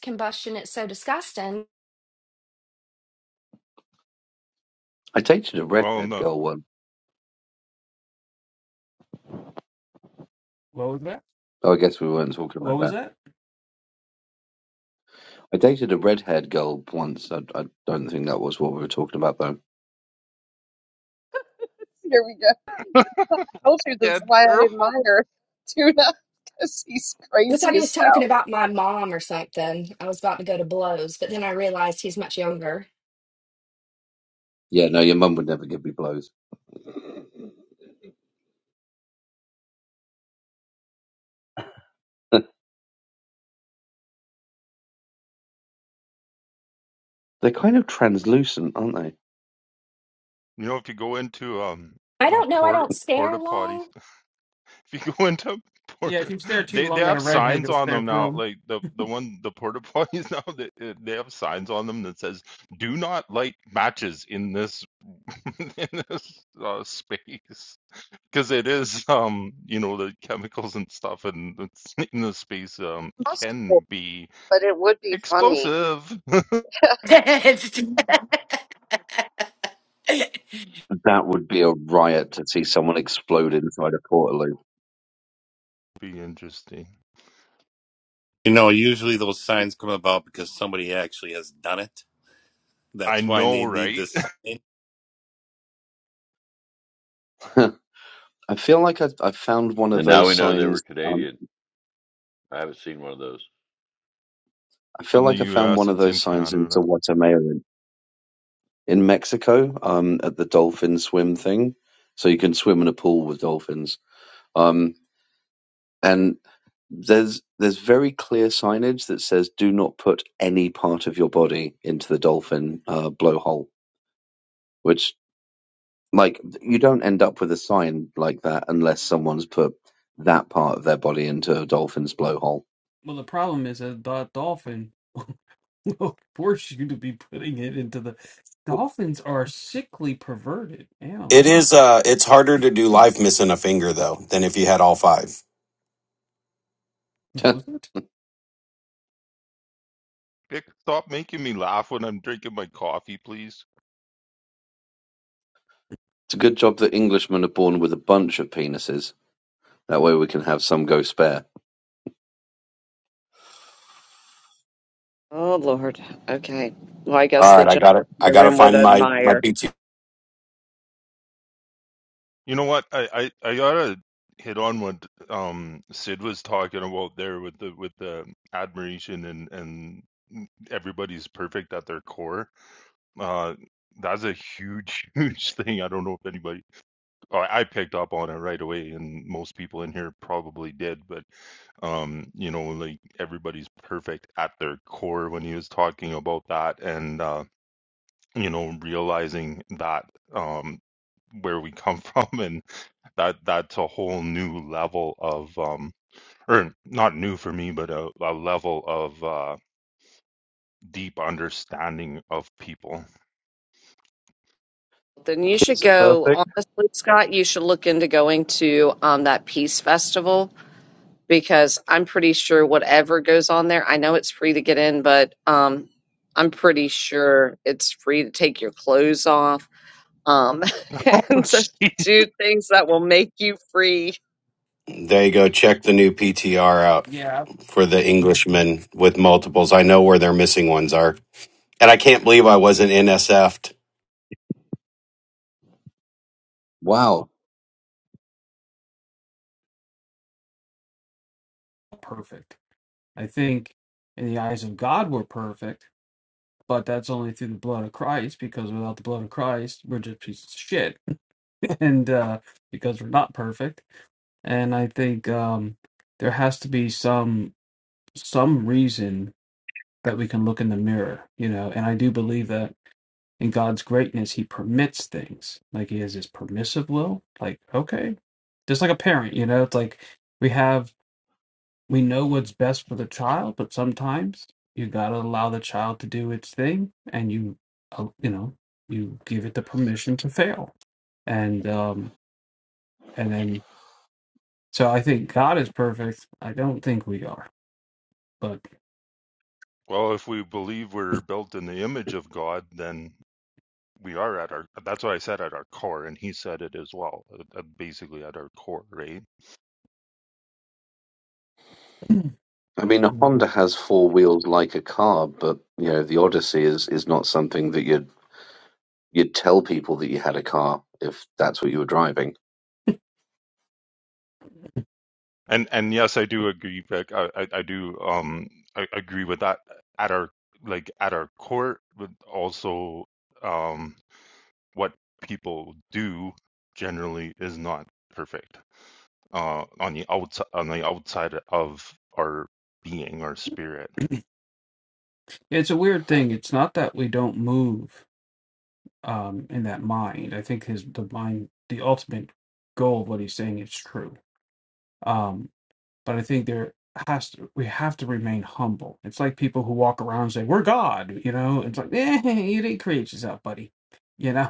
[SPEAKER 4] combustion. It's so disgusting.
[SPEAKER 11] I dated a
[SPEAKER 6] Well,
[SPEAKER 11] redhead
[SPEAKER 6] no,
[SPEAKER 11] girl once.
[SPEAKER 8] "What was that?
[SPEAKER 11] Oh, I guess we weren't talking about
[SPEAKER 8] What was
[SPEAKER 11] that.
[SPEAKER 8] that?"
[SPEAKER 11] I dated a redhead girl once. I, I don't think that was what we were talking about, though.
[SPEAKER 1] we go. told you this
[SPEAKER 6] yeah,
[SPEAKER 1] is why I
[SPEAKER 6] girl.
[SPEAKER 1] admire Tuna *laughs* because he's
[SPEAKER 4] I thought
[SPEAKER 1] crazy
[SPEAKER 4] he was
[SPEAKER 1] as
[SPEAKER 4] talking
[SPEAKER 1] hell.
[SPEAKER 4] about my mom or something. I was about to go to blows, but then I realized he's much younger.
[SPEAKER 11] Yeah, no, your mum would never give me blows. *laughs* They're kind of translucent, aren't they?
[SPEAKER 6] You know, if you go into um
[SPEAKER 4] I
[SPEAKER 6] a
[SPEAKER 4] don't know. I
[SPEAKER 6] porta
[SPEAKER 4] don't stare
[SPEAKER 6] porta potties.
[SPEAKER 4] long.
[SPEAKER 6] *laughs* If you go into port,
[SPEAKER 8] Yeah, if you stare too
[SPEAKER 6] they they
[SPEAKER 8] long at
[SPEAKER 6] have
[SPEAKER 8] a redhead,
[SPEAKER 6] signs
[SPEAKER 8] you'll
[SPEAKER 6] on
[SPEAKER 8] stare
[SPEAKER 6] them now.
[SPEAKER 8] through
[SPEAKER 6] Like the the
[SPEAKER 8] them. *laughs*
[SPEAKER 6] one the porta potties *laughs* now, they uh, they have signs on them that says "Do not light matches in this *laughs* in this uh, space." Because it is, um, you know, the chemicals and stuff, and it's *laughs* in the space um,
[SPEAKER 1] Possible,
[SPEAKER 6] can be
[SPEAKER 1] but it would be funny.
[SPEAKER 6] explosive. *laughs*
[SPEAKER 1] *laughs*
[SPEAKER 11] That would be a riot to see someone explode inside a portal
[SPEAKER 6] be interesting.
[SPEAKER 14] You know, usually those signs come about because somebody actually has done it.
[SPEAKER 6] I
[SPEAKER 14] That's why
[SPEAKER 6] know,
[SPEAKER 14] they need
[SPEAKER 6] right?
[SPEAKER 14] this sign.
[SPEAKER 11] *laughs* I feel like I, I found one of
[SPEAKER 13] And now
[SPEAKER 11] those
[SPEAKER 13] we know they
[SPEAKER 11] signs.
[SPEAKER 13] were
[SPEAKER 11] Um,
[SPEAKER 13] Canadian. I haven't seen one of those.
[SPEAKER 11] I
[SPEAKER 6] *laughs*
[SPEAKER 11] feel
[SPEAKER 6] In the
[SPEAKER 11] like I found
[SPEAKER 6] U.S.,
[SPEAKER 11] one of
[SPEAKER 6] it's in
[SPEAKER 11] those signs in
[SPEAKER 6] Canada.
[SPEAKER 11] Sawatamea in Mexico um, at the dolphin swim thing. So you can swim in a pool with dolphins. Um, and there's there's very clear signage that says do not put any part of your body into the dolphin uh, blowhole, which like you don't end up with a sign like that unless someone's put that part of their body into a dolphin's blowhole.
[SPEAKER 8] Well, the problem is a do- dolphin. *laughs* *laughs* will force you to be putting it into the dolphins are sickly perverted
[SPEAKER 3] It
[SPEAKER 8] animal
[SPEAKER 3] is. Uh, it's harder to do live missing a finger though than if you had all five.
[SPEAKER 11] *laughs* it's
[SPEAKER 8] Compose it
[SPEAKER 6] Vic, stop making me laugh when I'm drinking my coffee, please.
[SPEAKER 11] a good job that Englishmen are born with a bunch of penises. That way we can have some go spare.
[SPEAKER 1] Oh Lord. Okay. Well, I guess
[SPEAKER 3] All
[SPEAKER 1] the
[SPEAKER 3] right, I
[SPEAKER 1] gentleman
[SPEAKER 3] got it.
[SPEAKER 1] in
[SPEAKER 3] I
[SPEAKER 1] the
[SPEAKER 3] gotta
[SPEAKER 1] room would
[SPEAKER 3] find my my
[SPEAKER 1] admire.
[SPEAKER 3] PTR.
[SPEAKER 6] You know what? I, I, I gotta hit on what um Sid was talking about there with the with the admiration and and everybody's perfect at their core. Uh, that's a huge *laughs* huge thing. I don't know if anybody I, I picked up on it right away, and most people in here probably did. But um, you know, like everybody's perfect at their core when he was talking about that, and uh, you know, realizing that um where we come *laughs* from and that that's a whole new level of um or not new for me but a, a level of uh deep understanding of people
[SPEAKER 1] Then you should
[SPEAKER 11] Kids are
[SPEAKER 1] go.
[SPEAKER 11] perfect.
[SPEAKER 1] Honestly, Scott, you should look into going to um, that Peace Festival because I'm pretty sure whatever goes on there. I know it's free to get in, but um, I'm pretty sure it's free to take your clothes off um, *laughs*
[SPEAKER 6] *laughs* oh
[SPEAKER 1] and to
[SPEAKER 6] jeez
[SPEAKER 1] do things that will make you free.
[SPEAKER 3] There you go. Check the new PTR out
[SPEAKER 8] yeah
[SPEAKER 3] for the Englishmen with multiples. I know where their missing ones are. And I can't believe I wasn't NSF'd.
[SPEAKER 11] Wow.
[SPEAKER 8] perfect i think in the eyes of god we're perfect but that's only through the blood of christ because without the blood of christ we're just pieces of shit *laughs* and uh because we're not perfect and i think um there has to be some some reason that we can look in the mirror you know and i do believe that in God's greatness, He permits things. Like He has His permissive will. Like, okay, just like a parent, you know, it's like we have, we know what's best for the child, but sometimes you gotta allow the child to do its thing, and you, uh, you know, you give it the permission to fail, and um, and then so I think God is perfect. I don't think we are, but.
[SPEAKER 6] well if we believe we're built in the image of god then we are at our that's what i said at our core and he said it as well uh, uh, basically at our core right
[SPEAKER 8] *clears throat*
[SPEAKER 11] I mean, a Honda has four wheels like a car, but you know, the Odyssey is is not something that you'd you'd tell people that you had a car if that's what you were driving.
[SPEAKER 6] and and yes i do agree Vic, i i, I do um I, agree with that at our like at our core but also um. what people do generally is not perfect uh, on the outside on the outside of our being our spirit
[SPEAKER 8] It's a weird thing. It's not that we don't move. um, in that mind. I think his the mind, the ultimate goal of what he's saying is true. Um, but I think there has to we have to remain humble. It's like people who walk around and say we're God, you know. It's like eh, *laughs* you didn't create yourself, buddy. You know,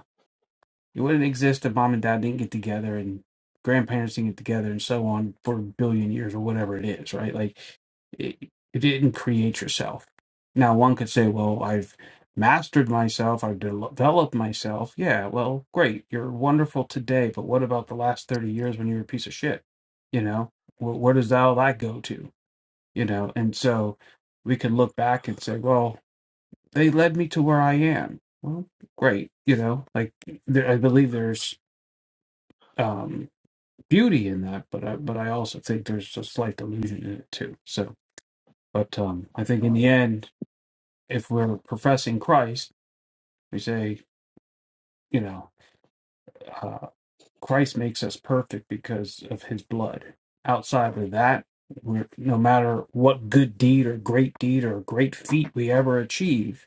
[SPEAKER 8] it wouldn't exist if mom and dad didn't get together and grandparents didn't get together and so on for a billion years or whatever it is, right? Like it, it didn't create yourself. Now, one could say, well, I've mastered myself, I've de- developed myself. Yeah, well, great. You're wonderful today, but what about the last 30 years when you were a piece of shit? You know, where, where does all that go to? You know, and so we could look back and say, well, they led me to where I am. Well, great. You know, like there, I believe there's um, beauty in that, but I, but I also think there's a slight delusion in it too. So, but um, I think in the end, if we're professing Christ, we say, you know, uh, Christ makes us perfect because of His blood. Outside of that, we're no matter what good deed or great deed or great feat we ever achieve,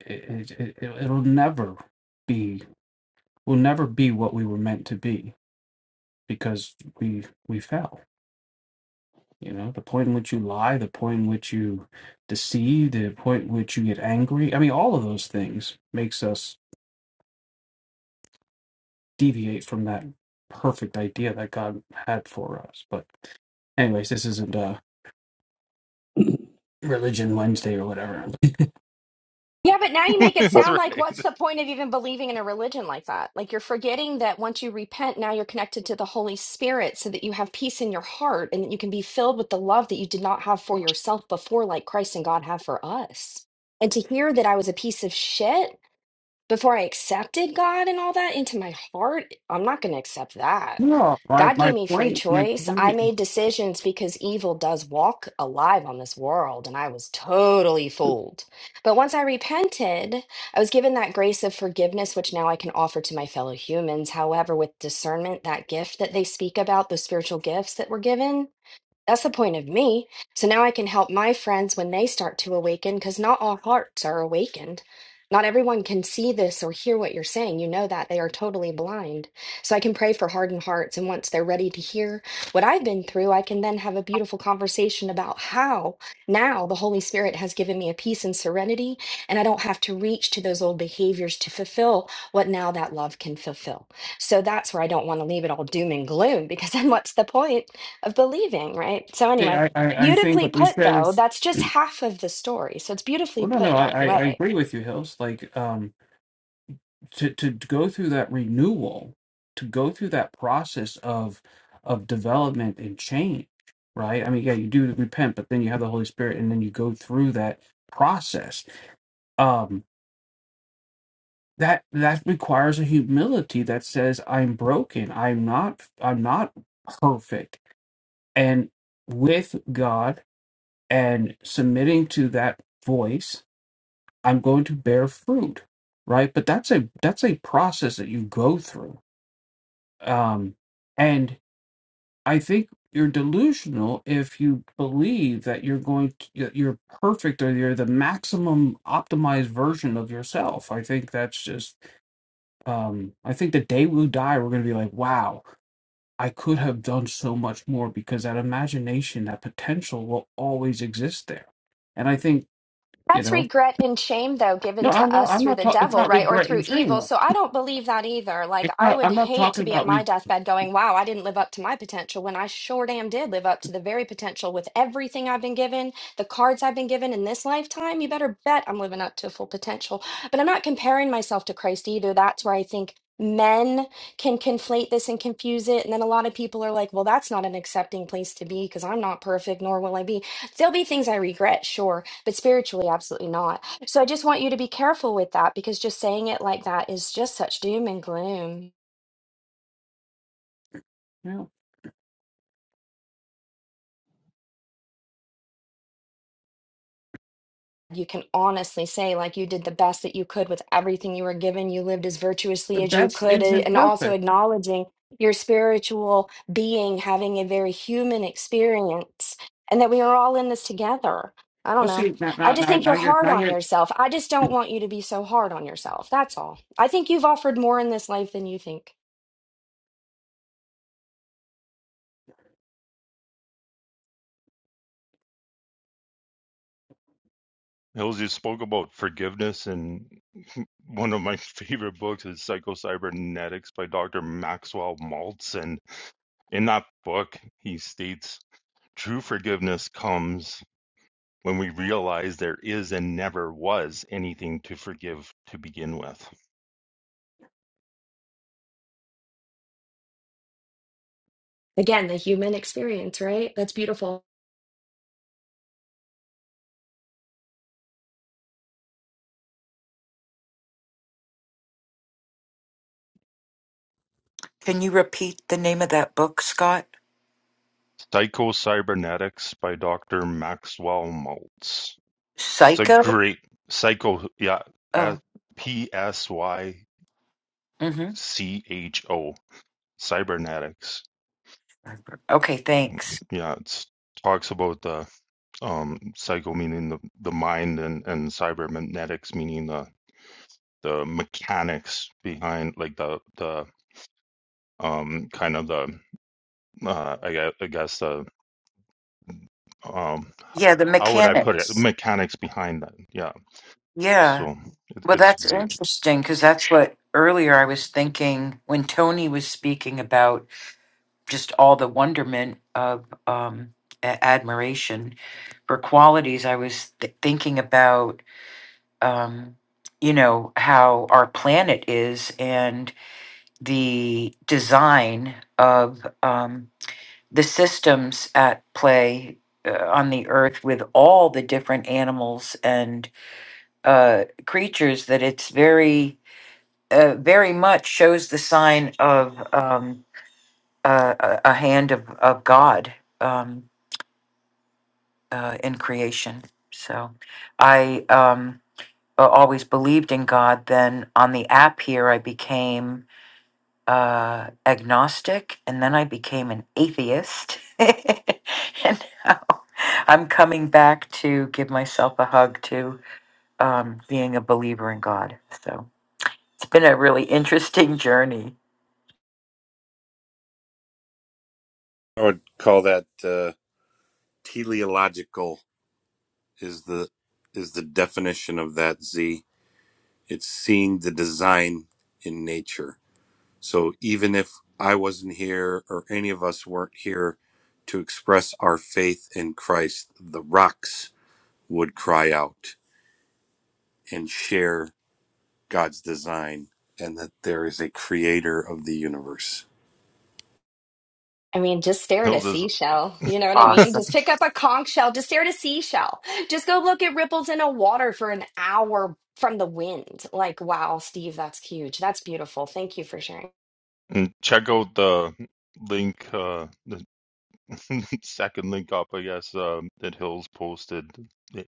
[SPEAKER 8] it, it, it it'll never be will never be what we were meant to be because we we fell You know, the point in which you lie, the point in which you deceive, the point in which you get angry. I mean, all of those things makes us deviate from that perfect idea that God had for us. But anyways, this isn't uh religion Wednesday or whatever.
[SPEAKER 4] Yeah, but now you make
[SPEAKER 6] *laughs*
[SPEAKER 4] it
[SPEAKER 6] that's
[SPEAKER 4] sound like
[SPEAKER 6] right
[SPEAKER 4] what's the point of even believing in a religion like that? Like you're forgetting that once you repent, now you're connected to the Holy Spirit so that you have peace in your heart and that you can be filled with the love that you did not have for yourself before, like Christ and God have for us. And to hear that I was a piece of shit before I accepted God and all that into my heart, I'm not going to accept that.
[SPEAKER 8] No, my
[SPEAKER 4] God gave
[SPEAKER 8] my
[SPEAKER 4] me free
[SPEAKER 8] point, my
[SPEAKER 4] choice. I
[SPEAKER 8] point
[SPEAKER 4] made decisions because evil does walk alive on this world, and I was totally fooled. But once I repented, I was given that grace of forgiveness, which now I can offer to my fellow humans. However, with discernment, that gift that they speak about, those spiritual gifts that were given, that's the point of me. So now I can help my friends when they start to awaken because not all hearts are awakened. Not everyone can see this or hear what you're saying. You know that they are totally blind. So I can pray for hardened hearts. And once they're ready to hear what I've been through, I can then have a beautiful conversation about how now the Holy Spirit has given me a peace and serenity. And I don't have to reach to those old behaviors to fulfill what now that love can fulfill. So that's where I don't want to leave it all doom and gloom because then what's the point? of believing, right? So, anyway,
[SPEAKER 8] I, I, I think
[SPEAKER 4] beautifully
[SPEAKER 8] what you
[SPEAKER 4] put,
[SPEAKER 8] said
[SPEAKER 4] though,
[SPEAKER 8] is
[SPEAKER 4] that's just half of the story. So, it's beautifully
[SPEAKER 8] well no no,
[SPEAKER 4] put
[SPEAKER 8] I,
[SPEAKER 4] that
[SPEAKER 8] I I
[SPEAKER 4] way.
[SPEAKER 8] agree with you, Hills. Like um to to go through that renewal to go through that process of of development and change right i mean yeah you do repent but then you have the holy spirit and then you go through that process um that that requires a humility that says i'm broken i'm not i'm not perfect and with god and submitting to that voice i'm going to bear fruit right but that's a that's a process that you go through Um, and I think you're delusional if you believe that you're going to, that you're perfect or you're the maximum optimized version of yourself. I think that's just, um, I think the day we die, we're going to be like, wow, I could have done so much more because that imagination, that potential will always exist there. And I think, you
[SPEAKER 4] That's
[SPEAKER 8] know,
[SPEAKER 4] regret and shame, though, given
[SPEAKER 8] no,
[SPEAKER 4] to
[SPEAKER 8] I'm not,
[SPEAKER 4] us
[SPEAKER 8] I'm
[SPEAKER 4] through
[SPEAKER 8] not
[SPEAKER 4] the
[SPEAKER 8] talking, it's
[SPEAKER 4] devil,
[SPEAKER 8] not
[SPEAKER 4] right? Or
[SPEAKER 8] regret and
[SPEAKER 4] through
[SPEAKER 8] dream.
[SPEAKER 4] evil. So I don't believe that either. Like,
[SPEAKER 8] It's
[SPEAKER 4] I
[SPEAKER 8] not,
[SPEAKER 4] would
[SPEAKER 8] I'm not
[SPEAKER 4] hate to
[SPEAKER 8] talking
[SPEAKER 4] be at
[SPEAKER 8] about
[SPEAKER 4] my deathbed going, wow, I didn't live up to my potential when I sure damn did live up to the very potential with everything I've been given, the cards I've been given in this lifetime. You better bet I'm living up to full potential. But I'm not comparing myself to Christ either. That's where I think men can conflate this and confuse it. And then a lot of people are like, well, that's not an accepting place to be because I'm not perfect, nor will I be. There'll be things I regret, sure but spiritually absolutely not so i just want you to be careful with that because just saying it like that is just such doom and gloom
[SPEAKER 8] You
[SPEAKER 4] you can honestly say like you did the best that you could with everything you were given you lived as
[SPEAKER 8] the
[SPEAKER 4] virtuously as you
[SPEAKER 8] best
[SPEAKER 4] could eh,
[SPEAKER 8] isn't
[SPEAKER 4] and also
[SPEAKER 8] perfect.
[SPEAKER 4] acknowledging your spiritual being having a very human experience and that we are all in this together i
[SPEAKER 8] Well,
[SPEAKER 4] don't know
[SPEAKER 8] see, now,
[SPEAKER 4] i
[SPEAKER 8] now,
[SPEAKER 4] just
[SPEAKER 8] now,
[SPEAKER 4] think
[SPEAKER 8] now
[SPEAKER 4] you're
[SPEAKER 8] you're,
[SPEAKER 4] hard
[SPEAKER 8] now
[SPEAKER 4] on
[SPEAKER 8] you're.
[SPEAKER 4] yourself i just don't want you to be so hard on yourself that's all i think you've offered more in this life than you think
[SPEAKER 6] hills you spoke about forgiveness and *laughs* one of my *laughs* favorite books is psychocybernetics by dr maxwell maltz and in that book he states true forgiveness comes when we realize there is and never was anything to forgive to begin with
[SPEAKER 4] Again, the human experience, right? That's beautiful.
[SPEAKER 12] you repeat the name of that book, Scott?
[SPEAKER 6] Psycho-Cybernetics by Dr. Maxwell Maltz. It's a
[SPEAKER 12] Psycho?
[SPEAKER 6] great psycho, yeah, uh,
[SPEAKER 12] Oh,
[SPEAKER 6] P S Y
[SPEAKER 12] mm-hmm.
[SPEAKER 6] C H O Cybernetics.
[SPEAKER 12] Okay,
[SPEAKER 6] Mm,
[SPEAKER 12] thanks.
[SPEAKER 6] Yeah, it talks about the um psycho meaning the the mind and and cybernetics meaning the the mechanics behind like the the um kind of the uh I guess, I guess the um
[SPEAKER 12] Yeah, the
[SPEAKER 6] how would I put it
[SPEAKER 12] mechanics.
[SPEAKER 6] mechanics behind that. Yeah,
[SPEAKER 12] Yeah.
[SPEAKER 6] so it,
[SPEAKER 12] Well,
[SPEAKER 6] it's
[SPEAKER 12] that's
[SPEAKER 6] great.
[SPEAKER 12] interesting because that's what earlier I was thinking when Tony was speaking about just all the wonderment of um, a- admiration for qualities. I was th- thinking about um, you know, how our planet is and the design of um, the systems at play uh, on the earth with all the different animals and uh, creatures that it's very, uh, very much shows the sign of um, uh, a a hand of, of God um, uh, in creation. So I. Um, uh, always believed in God. Then on the app here, I became uh, agnostic and then I became an atheist. *laughs* and now I'm coming back to give myself a hug to um, being a believer in God. So it's been a really interesting journey.
[SPEAKER 14] I would call that uh, teleological is the is the definition of that Z. It's seeing the design in nature. So even if I wasn't here or any of us weren't here to express our faith in Christ, the rocks would cry out and share God's design and that there is a creator of the universe.
[SPEAKER 4] I mean, just stare at a
[SPEAKER 6] Hills is
[SPEAKER 4] seashell. You know what I
[SPEAKER 12] Uh,
[SPEAKER 4] mean? Just pick up a conch shell. Just stare at a seashell. Just go look at ripples in a water for an hour from the wind. Like, wow, Steve, that's huge. That's beautiful. Thank you for sharing.
[SPEAKER 6] *laughs* and check out the link, uh, the *laughs* second link up, I guess, um, that Hills posted it,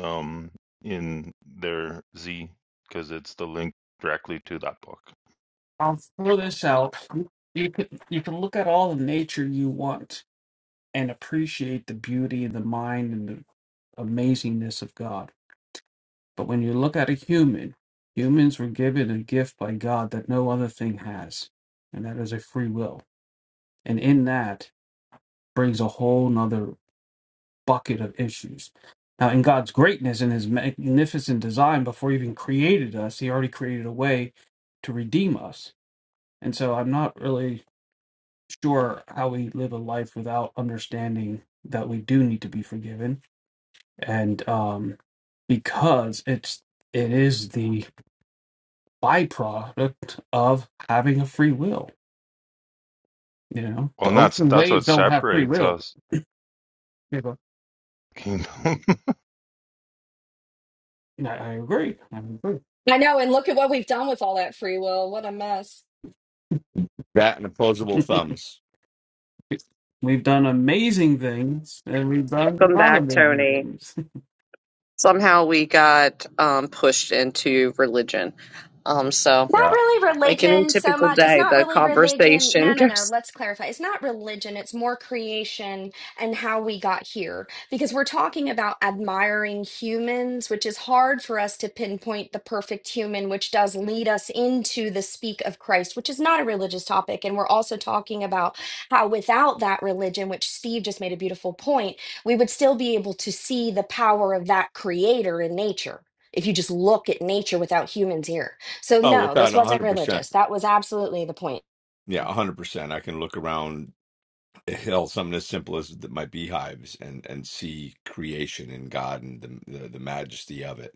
[SPEAKER 6] um, in their Z because it's the link directly to that book.
[SPEAKER 8] I'll throw this out. You you can, you can look at all the nature you want and appreciate the beauty and the mind and the amazingness of God. But when you look at a human, humans were given a gift by God that no other thing has, and that is a free will. And in that brings a whole nother bucket of issues. Now, in God's greatness and his magnificent design, before he even created us, he already created a way to redeem us. And so I'm not really sure how we live a life without understanding that we do need to be forgiven. And um, because it's it is the byproduct of having a free will. You know,
[SPEAKER 6] Well,
[SPEAKER 8] the
[SPEAKER 6] and that's
[SPEAKER 8] ocean
[SPEAKER 6] that's
[SPEAKER 8] waves
[SPEAKER 6] what
[SPEAKER 8] don't have free
[SPEAKER 6] separates
[SPEAKER 8] will.
[SPEAKER 6] us,
[SPEAKER 8] You go,
[SPEAKER 6] Kingdom.
[SPEAKER 8] I, I agree. I agree.
[SPEAKER 4] I know. And look at what we've done with all that free will. What a mess.
[SPEAKER 9] That and opposable
[SPEAKER 8] *laughs*
[SPEAKER 9] thumbs.
[SPEAKER 8] we've done amazing things, and we've done
[SPEAKER 1] Welcome
[SPEAKER 8] not
[SPEAKER 1] back,
[SPEAKER 8] amazing
[SPEAKER 1] Tony.
[SPEAKER 8] things. *laughs*
[SPEAKER 1] Somehow we got um, pushed into religion. Um, so,
[SPEAKER 4] Not
[SPEAKER 9] Yeah.
[SPEAKER 4] really
[SPEAKER 1] like any
[SPEAKER 4] religion so
[SPEAKER 1] typical
[SPEAKER 4] much. It's
[SPEAKER 1] day,
[SPEAKER 4] not
[SPEAKER 1] the
[SPEAKER 4] really religion.
[SPEAKER 1] conversation *laughs*
[SPEAKER 4] No, no, no.
[SPEAKER 1] goes.
[SPEAKER 4] Let's clarify. It's not religion. It's more creation and how we got here. Because we're talking about admiring humans, which is hard for us to pinpoint the perfect human, which does lead us into the speak of Christ, which is not a religious topic. And we're also talking about how without that religion, which Steve just made a beautiful point, we would still be able to see the power of that creator in nature if you just look at nature without humans here. So
[SPEAKER 9] Oh,
[SPEAKER 4] no, this
[SPEAKER 9] without a
[SPEAKER 4] wasn't
[SPEAKER 9] hundred percent.
[SPEAKER 4] religious. That was absolutely the point.
[SPEAKER 9] Yeah, a hundred percent. I can look around hell, something as simple as th- my beehives, and and see creation and God and the the, the majesty of it.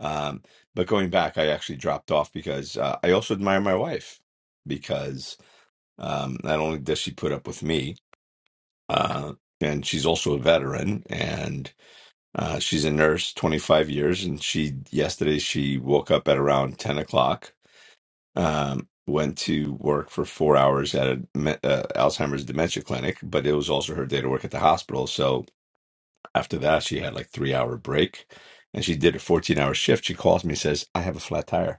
[SPEAKER 9] Um, but going back, I actually dropped off because uh, I also admire my wife because um, not only does she put up with me, uh, and she's also a veteran and uh, she's a nurse, 25 years. And she yesterday she woke up at around 10 o'clock, um, went to work for four hours at a me- uh, Alzheimer's dementia clinic, but it was also her day to work at the hospital. So after that, she had like three hour break, and she did a 14 hour shift. She calls me and says, "I have a flat tire."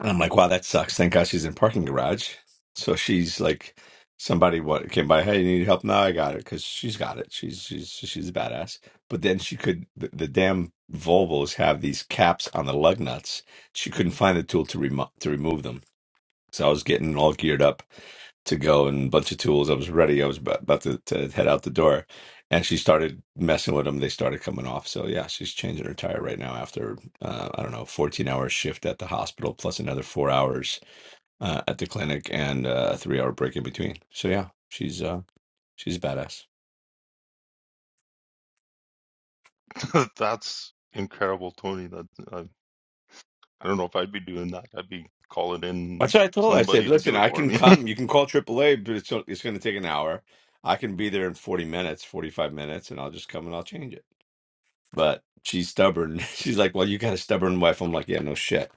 [SPEAKER 9] And I'm like, wow, that sucks. Thank God she's in parking garage. So she's like, somebody what came by, hey, you need help? No, I got it because she's got it. She's she's she's a badass. But then she could the, the damn Volvos have these caps on the lug nuts. She couldn't find the tool to remo- to remove them. So I was getting all geared up to go and a bunch of tools. I was ready. I was about, about to, to head out the door. And she started messing with them. They started coming off. So yeah, she's changing her tire right now after, uh, I don't know, 14 hour shift at the hospital, plus another four hours uh, at the clinic and uh, a three hour break in between. So yeah, she's, uh, she's a badass.
[SPEAKER 6] *laughs* that's incredible, Tony. That I, I don't know if I'd be doing that. I'd be calling in
[SPEAKER 9] That's what I told her. I said,
[SPEAKER 6] somebody to
[SPEAKER 9] listen,
[SPEAKER 6] do it
[SPEAKER 9] I
[SPEAKER 6] for
[SPEAKER 9] can
[SPEAKER 6] me. *laughs*
[SPEAKER 9] come. You can call AAA, but it's, it's going to take an hour. I can be there in 40 minutes, 45 minutes, and I'll just come and I'll change it. but she's stubborn. *laughs* She's like, "Well, you got a stubborn wife." I'm like, "Yeah, no shit."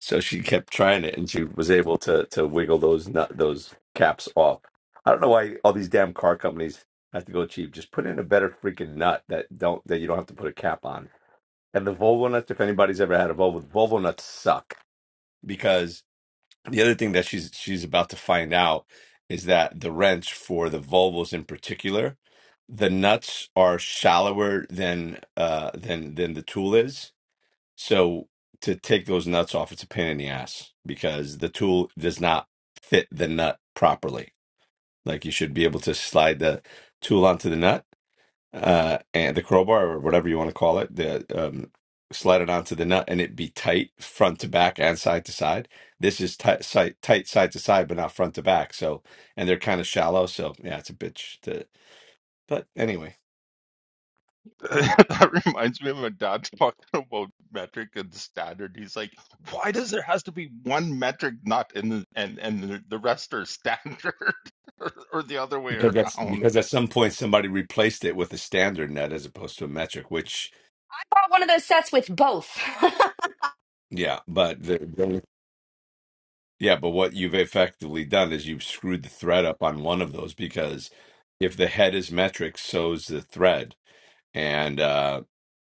[SPEAKER 9] So she kept trying it, and she was able to to wiggle those nut those caps off. I don't know why all these damn car companies have to go cheap. Just put in a better freaking nut that don't that you don't have to put a cap on. And the Volvo nuts, if anybody's ever had a Volvo, Volvo nuts suck because the other thing that she's she's about to find out is that the wrench for the Volvos in particular, the nuts are shallower than uh than than the tool is. So to take those nuts off, it's a pain in the ass because the tool does not fit the nut properly. Like you should be able to slide the tool onto the nut uh, and the crowbar or whatever you want to call it, the um, slide it onto the nut, and it be tight front to back and side to side. This is tight, side, tight side to side, but not front to back. So, and they're kind of shallow. So, yeah, it's a bitch. To, but anyway,
[SPEAKER 6] *laughs* that reminds me of my dad talking about metric and standard. He's like, "Why does there has to be one metric not in the, and and the, the rest are standard, *laughs* or, or the other way
[SPEAKER 9] because that's
[SPEAKER 6] around?"
[SPEAKER 9] because at some point somebody replaced it with a standard net as opposed to a metric. Which,
[SPEAKER 4] I bought one of those sets with both. *laughs*
[SPEAKER 9] yeah, but the, the- yeah, but what you've effectively done is you've screwed the thread up on one of those because if the head is metric, so's the thread and uh,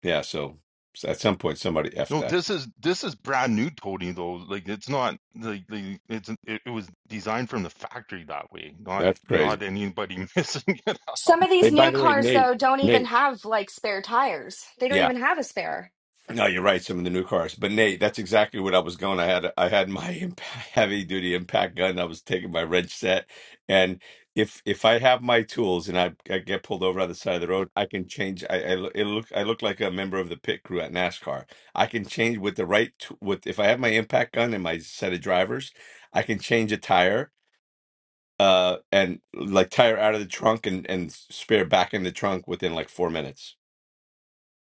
[SPEAKER 9] Yeah, so, so at some point somebody effed
[SPEAKER 6] No,
[SPEAKER 9] that.
[SPEAKER 6] this is this is brand new, Tony. Though, like it's not like the it's it, it was designed from the factory that way. Not
[SPEAKER 9] That's crazy.
[SPEAKER 6] not anybody *laughs* missing it up
[SPEAKER 4] Some of these
[SPEAKER 9] Hey,
[SPEAKER 4] new
[SPEAKER 9] by the way,
[SPEAKER 4] cars
[SPEAKER 9] Nate,
[SPEAKER 4] though don't even
[SPEAKER 9] Nate.
[SPEAKER 4] have like spare tires. They don't
[SPEAKER 9] Yeah,
[SPEAKER 4] even have a spare.
[SPEAKER 9] no, you're right. Some of the new cars, but Nate, that's exactly what I was going. I had I had my *laughs* imp heavy duty impact gun. I was taking my wrench set, and if if I have my tools and I, I get pulled over on the side of the road, I can change. I, I lo- it look I look like a member of the pit crew at NASCAR. I can change with the right t- with if I have my impact gun and my set of drivers, I can change a tire uh and like tire out of the trunk and and spare back in the trunk within like four minutes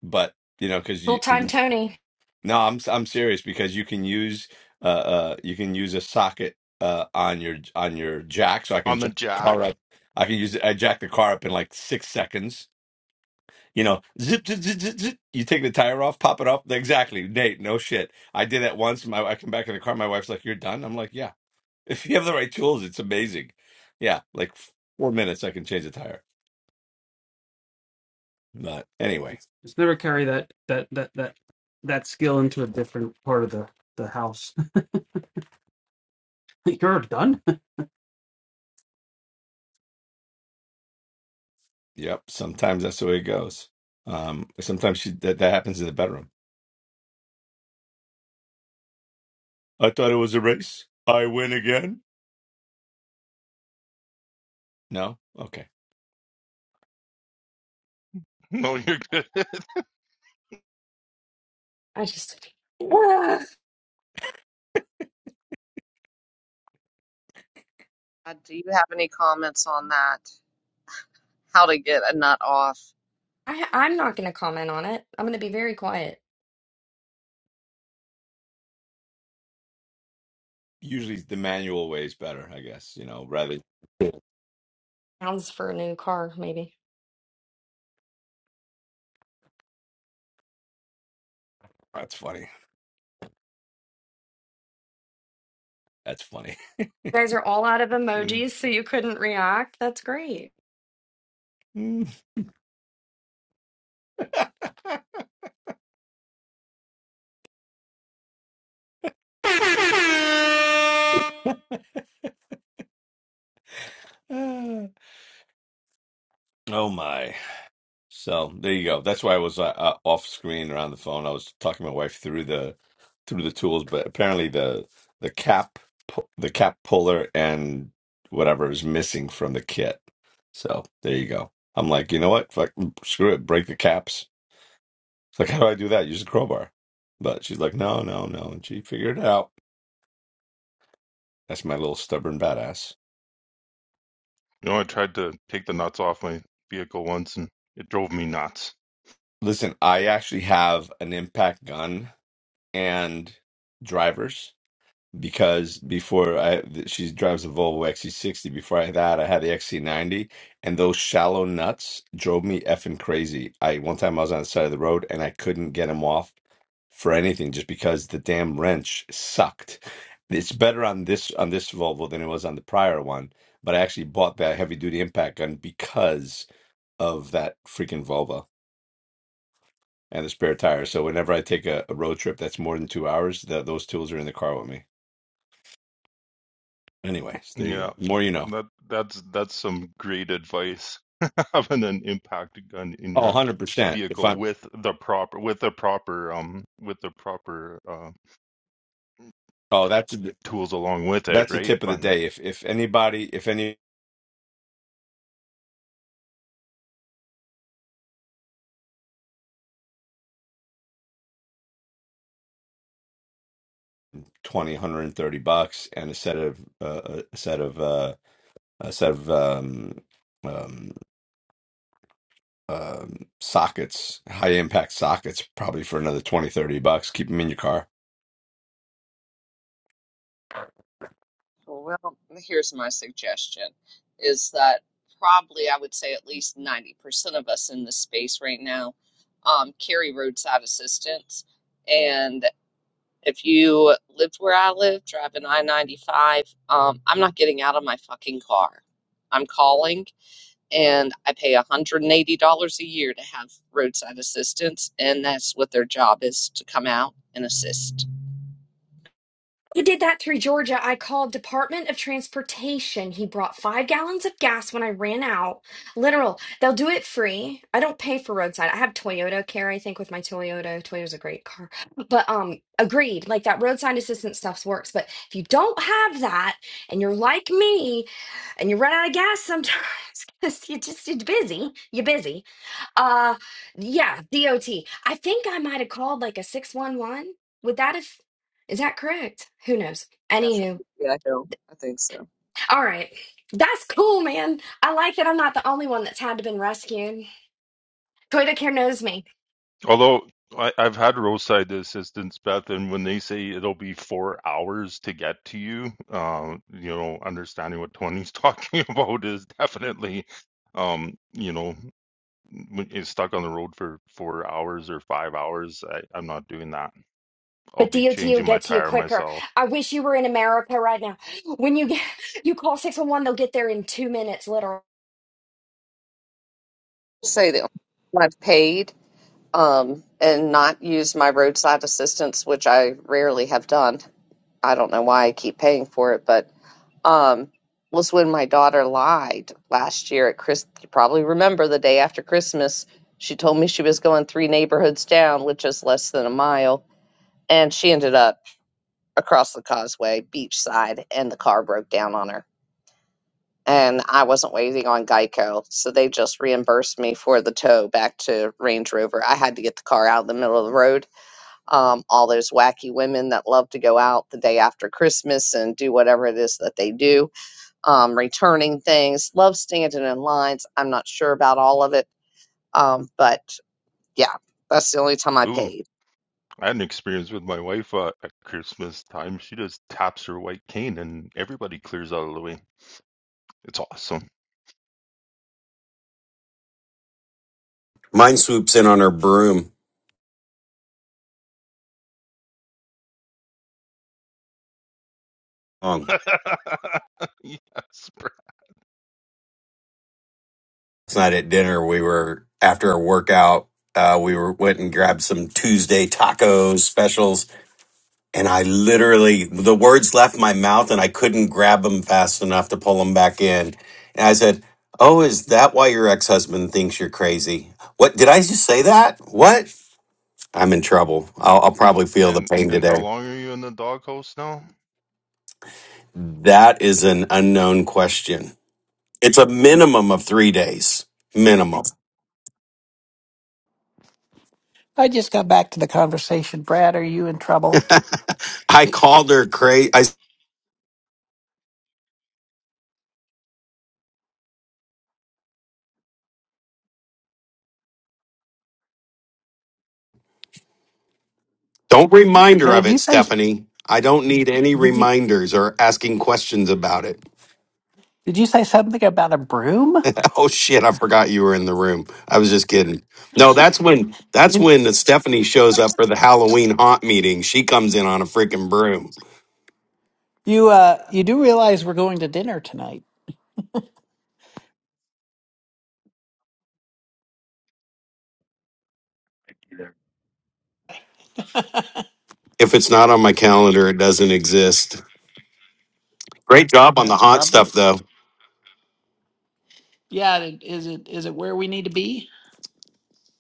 [SPEAKER 9] but you know because
[SPEAKER 4] Full
[SPEAKER 9] you
[SPEAKER 4] time Tony.
[SPEAKER 9] no i'm i'm serious because you can use uh uh you can use a socket uh on your on your jack so i can
[SPEAKER 6] on the
[SPEAKER 9] jack the car
[SPEAKER 6] jack.
[SPEAKER 9] up i can use i jack the car up in like six seconds you know zip zip zip zip, zip. you take the tire off pop it off exactly nate no shit i did that once my i come back in the car my wife's like you're done i'm like yeah *laughs* if you have the right tools it's amazing yeah like four minutes i can change a tire But anyway,
[SPEAKER 8] Just never carry that that that that that skill into a different part of the the house. *laughs* you're done.
[SPEAKER 9] yep. Sometimes that's the way it goes. Um, sometimes she, that that happens in the bedroom. I thought it was a race. I win again. No, okay.
[SPEAKER 6] No, you're good. *laughs*
[SPEAKER 4] I just *sighs* Ugh.
[SPEAKER 1] Uh, Do you have any comments on that? How to get a nut off?
[SPEAKER 4] I I'm not gonna comment on it. I'm gonna be very quiet.
[SPEAKER 9] Usually the manual way is better, I guess. You know, rather.
[SPEAKER 4] Sounds for a new car, maybe.
[SPEAKER 9] That's funny. That's funny. *laughs*
[SPEAKER 4] You guys are all out of
[SPEAKER 6] You
[SPEAKER 4] emojis, so you couldn't react. That's great.
[SPEAKER 9] Mm. *laughs* oh my. So there you go. That's why I was uh, uh, off screen or on the phone. I was talking to my wife through the through the tools, but apparently the the cap pu- the cap puller and whatever is missing from the kit. So there you go. I'm like, you know what? Fuck, screw it. Break the caps. It's like, how do I do that? Use a crowbar. But she's like, no, no, no. And she figured it out. That's my little stubborn badass.
[SPEAKER 6] know, I tried to take the nuts off my vehicle once, and it drove me nuts.
[SPEAKER 9] Listen, I actually have an impact gun and drivers. because before I she drives a Volvo XC60. Before I that, I had the XC90, and those shallow nuts drove me effing crazy. I one time I was on the side of the road and I couldn't get them off for anything just because the damn wrench sucked. It's better on this on this Volvo than it was on the prior one, but I actually bought that heavy duty impact gun because of that freaking Volvo and the spare tire. So whenever I take a, a road trip that's more than two hours, that those tools are in the car with me. Anyways, there you
[SPEAKER 6] Yeah,
[SPEAKER 9] go. More you know.
[SPEAKER 6] that that's that's some great advice. *laughs* Having an impact gun in
[SPEAKER 9] Oh,
[SPEAKER 6] your
[SPEAKER 9] 100%. If
[SPEAKER 6] vehicle
[SPEAKER 9] I'm
[SPEAKER 6] with the proper with the proper um with the proper uh
[SPEAKER 9] Oh, that's a,
[SPEAKER 6] tools along with it,
[SPEAKER 9] that's a
[SPEAKER 6] right?
[SPEAKER 9] tip of the
[SPEAKER 6] But
[SPEAKER 9] day. If if anybody if any 20 one hundred thirty bucks and a set of uh, a set of uh a set of um um um sockets, high impact sockets probably for another 20 30 bucks. Keep them in your car.
[SPEAKER 1] Well, here's my suggestion: is that probably I would say at least ninety percent of us in this space right now um, carry roadside assistance and. If you lived where I live, driving I 95, um, I'm not getting out of my fucking car. I'm calling and I pay $180 a year to have roadside assistance, and that's what their job is to come out and assist.
[SPEAKER 4] He did that through Georgia. I called Department of Transportation. He brought five gallons of gas when I ran out. Literal. They'll do it free. I don't pay for roadside. I have Toyota care, I think, with my Toyota. Toyota's a great car. But um, agreed. Like that roadside assistance stuff works. But if you don't have that and you're like me and you run out of gas sometimes *laughs* 'cause you just you're busy. You're busy. Uh yeah, DOT. I think I might have called like a 611. Would that have is that correct? Who knows?
[SPEAKER 1] That's
[SPEAKER 4] Anywho,
[SPEAKER 1] right. Yeah, I know. I think so.
[SPEAKER 4] all right. That's cool, man. I like that I'm not the only one that's had to been rescued. Toyota Care knows me,
[SPEAKER 6] although I, I've had roadside assistance, Beth, and when they say it'll be four hours to get to you, uh, you know, understanding what Tony's *laughs* talking about is definitely, um, you know, when you're stuck on the road for four hours or five hours. I, I'm not doing that I'll
[SPEAKER 4] but
[SPEAKER 6] be
[SPEAKER 4] DOT will
[SPEAKER 6] changing my
[SPEAKER 4] get to you
[SPEAKER 6] tire
[SPEAKER 4] quicker.
[SPEAKER 6] myself.
[SPEAKER 4] I wish you were in America right now. When you get, *laughs* you call 611, they'll get there in two minutes, literal.
[SPEAKER 1] Say that I've paid um, and not used my roadside assistance, which I rarely have done. I don't know why I keep paying for it, but um, was when my daughter lied last year at Chris. You probably remember the day after Christmas. She told me she was going three neighborhoods down, which is less than a mile, and she ended up across the causeway, beachside, and the car broke down on her. And I wasn't waiting on Geico, so they just reimbursed me for the tow back to Range Rover. I had to get the car out in the middle of the road. Um, all those wacky women that love to go out the day after Christmas and do whatever it is that they do um, returning things. Love standing in lines. I'm not sure about all of it, um, but yeah, that's the only time I
[SPEAKER 6] Ooh,
[SPEAKER 1] paid.
[SPEAKER 6] I had an experience with my wife uh, at Christmas time. She just taps her white cane and everybody clears out of the way. It's awesome.
[SPEAKER 3] Mine swoops in on her broom. Um,
[SPEAKER 6] *laughs* Yes, bro.
[SPEAKER 3] last night at dinner, we were after a workout. Uh, we were went and grabbed some Tuesday tacos specials, and I literally the words left my mouth, and I couldn't grab them fast enough to pull them back in. And I said, "Oh, is that why your ex husband thinks you're crazy? What did I just say that? What? I'm in trouble. I'll, I'll probably feel the
[SPEAKER 6] And
[SPEAKER 3] pain
[SPEAKER 6] and how
[SPEAKER 3] today.
[SPEAKER 6] long are you in the doghouse now?
[SPEAKER 3] That is an unknown question. It's a minimum of three days. Minimum.
[SPEAKER 15] I just got back to the conversation. Brad, are you in trouble?
[SPEAKER 3] *laughs* I called her crazy. I s- don't remind
[SPEAKER 15] Now,
[SPEAKER 3] her of
[SPEAKER 15] Did you
[SPEAKER 3] it,
[SPEAKER 15] say
[SPEAKER 3] Stephanie. I don't need any
[SPEAKER 15] did you
[SPEAKER 3] reminders or asking questions about it.
[SPEAKER 15] did you say something about a broom?
[SPEAKER 3] *laughs* oh shit! I forgot you were in the room. I was just kidding. No, that's when that's
[SPEAKER 15] You
[SPEAKER 3] when Stephanie shows up for the Halloween haunt meeting. She comes in on a freaking broom.
[SPEAKER 15] you, uh you do realize we're going to dinner tonight.
[SPEAKER 3] If it's not on my calendar, it doesn't exist. Great job on the
[SPEAKER 15] That's
[SPEAKER 3] haunt stuff,
[SPEAKER 15] probably
[SPEAKER 3] though.
[SPEAKER 15] yeah. it- Is it is it where we need to be?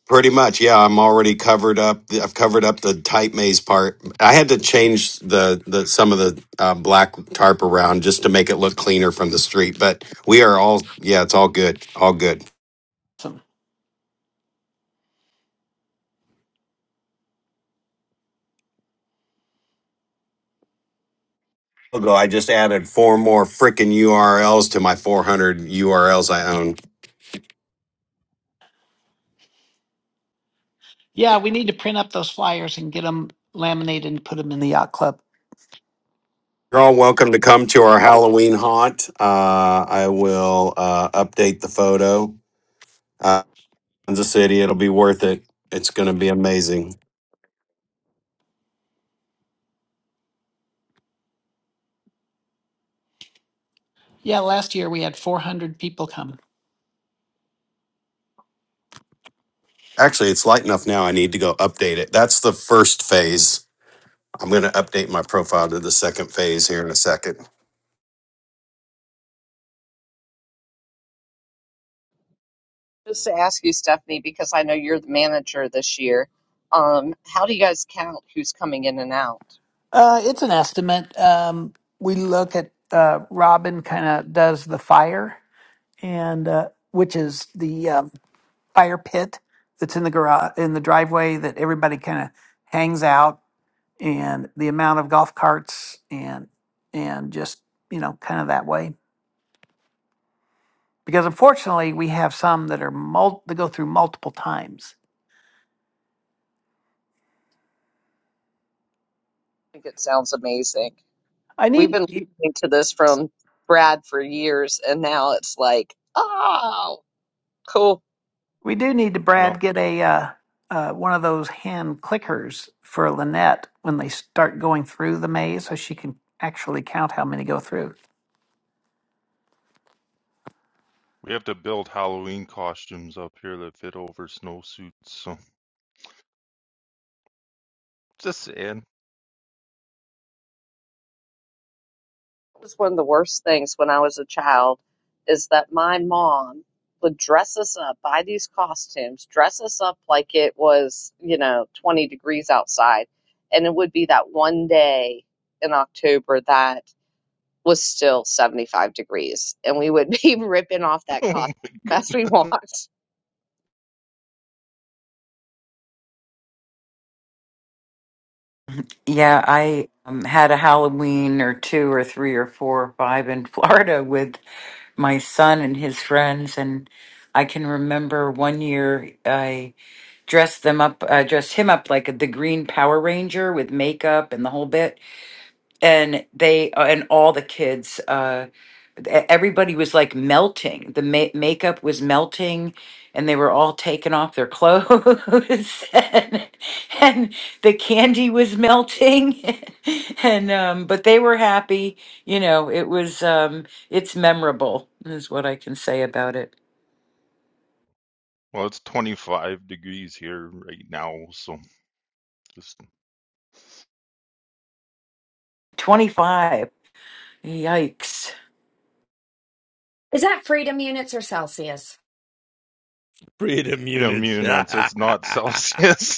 [SPEAKER 3] Pretty much, yeah. I'm already covered up. I've covered up the tight maze part. I had to change the, the some of the uh, black tarp around just to make it look cleaner from the street. But we are all, yeah, it's all good, all good.
[SPEAKER 15] Some
[SPEAKER 3] Ago, I just added four more freaking URLs to my 400 URLs I own.
[SPEAKER 15] yeah. We need to print up those flyers and get them laminated and put them in the yacht club.
[SPEAKER 3] You're all welcome to come to our Halloween haunt. Uh, I will uh, update the photo. Uh, Kansas City, it'll be worth it. It's going to be amazing.
[SPEAKER 15] Yeah, last year we had 400 people come.
[SPEAKER 3] Actually, it's light enough now. I need to go update it. That's the first phase. I'm going to update my profile to the second phase here in a second.
[SPEAKER 1] Just to ask you, Stephanie, because I know you're the manager this year. Um, how do you guys count who's coming in and out?
[SPEAKER 15] Uh, it's an estimate. Um, we look at uh, Robin kind of does the fire and uh, which is the um, fire pit that's in the garage in the driveway that everybody kind of hangs out and the amount of golf carts and and just you know kind of that way because unfortunately we have some that are mul- that go through multiple times
[SPEAKER 1] I think it sounds amazing.
[SPEAKER 15] i
[SPEAKER 1] We've
[SPEAKER 15] need
[SPEAKER 1] been
[SPEAKER 15] you-
[SPEAKER 1] listening to this from Brad for years, and now it's like, oh, cool.
[SPEAKER 15] we do need to
[SPEAKER 6] Well,
[SPEAKER 15] brad get a uh, uh, one of those hand clickers for lynette when they start going through the maze so she can actually count how many go through
[SPEAKER 6] we have to build Halloween costumes up here that fit over snowsuits. So just saying.
[SPEAKER 1] was one of the worst things when I was a child is that my mom would dress us up, buy these costumes, dress us up like it was, you know, 20 degrees outside. And it would be that one day in October that was still 75 degrees. And we would be *laughs* ripping off
[SPEAKER 6] *laughs*
[SPEAKER 1] that
[SPEAKER 6] Oh
[SPEAKER 1] costume
[SPEAKER 6] my
[SPEAKER 1] as
[SPEAKER 6] goodness.
[SPEAKER 1] we walked.
[SPEAKER 12] yeah, I um, had a Halloween or two or three or four or five in *laughs* Florida with my son and his friends. And I can remember one year I dress them up, uh, dress him up like the Green Power Ranger with makeup and the whole bit. And they uh, and all the kids, uh, e- everybody was like melting. The ma- makeup was melting, and they were all taking off their clothes, *laughs* and, and the candy was melting. *laughs* and um, but they were happy. You know, it was um, it's memorable, is what I can say about it.
[SPEAKER 6] Well, it's 25 degrees here right now, so just
[SPEAKER 12] Twenty five. Yikes. *laughs*
[SPEAKER 4] Is that freedom units or Celsius?
[SPEAKER 9] Freedom
[SPEAKER 6] get
[SPEAKER 9] units. *laughs*
[SPEAKER 6] immune. It's
[SPEAKER 9] That's
[SPEAKER 6] it's not Celsius. *laughs*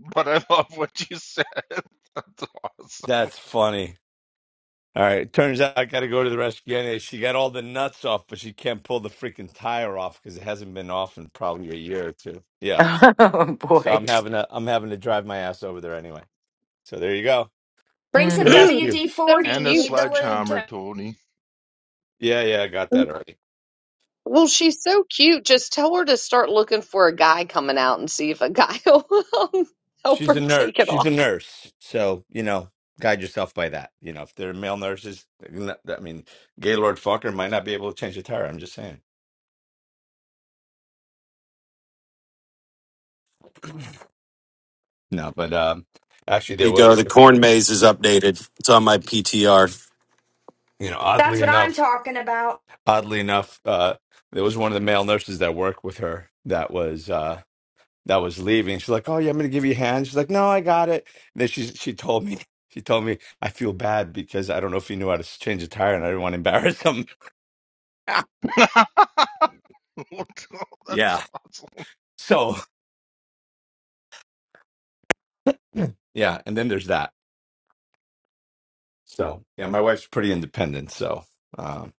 [SPEAKER 6] *laughs* But I love what you said. *laughs* That's awesome.
[SPEAKER 9] funny. All right, turns out I got to go to the rescue anyway. She got all the nuts off, but she can't pull the freaking tire off because it hasn't been off in probably a year or two. Yeah.
[SPEAKER 12] Oh
[SPEAKER 9] So
[SPEAKER 12] boy.
[SPEAKER 9] I'm having to I'm having to drive my ass over there anyway. So there you go.
[SPEAKER 4] Bring
[SPEAKER 9] To
[SPEAKER 1] *clears throat*
[SPEAKER 4] some
[SPEAKER 9] the
[SPEAKER 12] Mm,
[SPEAKER 1] so
[SPEAKER 9] rescue.
[SPEAKER 4] WD 40.
[SPEAKER 6] And a
[SPEAKER 4] You
[SPEAKER 1] cute.
[SPEAKER 4] need the lube too.
[SPEAKER 6] sledgehammer, Tony.
[SPEAKER 9] Yeah, yeah, I got that already.
[SPEAKER 1] Well, she's so cute. Just tell her to start looking for a guy coming out and see if a guy *laughs* will help
[SPEAKER 9] She's a
[SPEAKER 1] her
[SPEAKER 9] nurse.
[SPEAKER 1] take it off.
[SPEAKER 9] She's a nurse. So, you know, guide yourself by that. You know, if they're male nurses, I mean, Gaylord Fucker might not be able to change a tire. I'm just saying. No, but um actually
[SPEAKER 3] Here
[SPEAKER 9] there
[SPEAKER 3] you go.
[SPEAKER 9] was
[SPEAKER 3] The corn maze is
[SPEAKER 9] you
[SPEAKER 3] updated. It's on my PTR.
[SPEAKER 9] know,
[SPEAKER 4] That's
[SPEAKER 9] oddly
[SPEAKER 4] what I'm
[SPEAKER 9] enough,
[SPEAKER 4] talking about.
[SPEAKER 9] oddly enough, uh there was one of the male nurses that worked with her that was uh that was leaving. She's like, "Oh yeah, I'm gonna give you a hand." She's like, "No, I got it." And then she she told me *laughs* she told me I feel bad because I don't know if he knew how to s- change a tire, and I didn't want to embarrass him. *laughs*
[SPEAKER 6] *laughs* That's
[SPEAKER 9] yeah.
[SPEAKER 6] awesome.
[SPEAKER 9] So yeah, and then there's that. So yeah, my wife's pretty independent. So, um,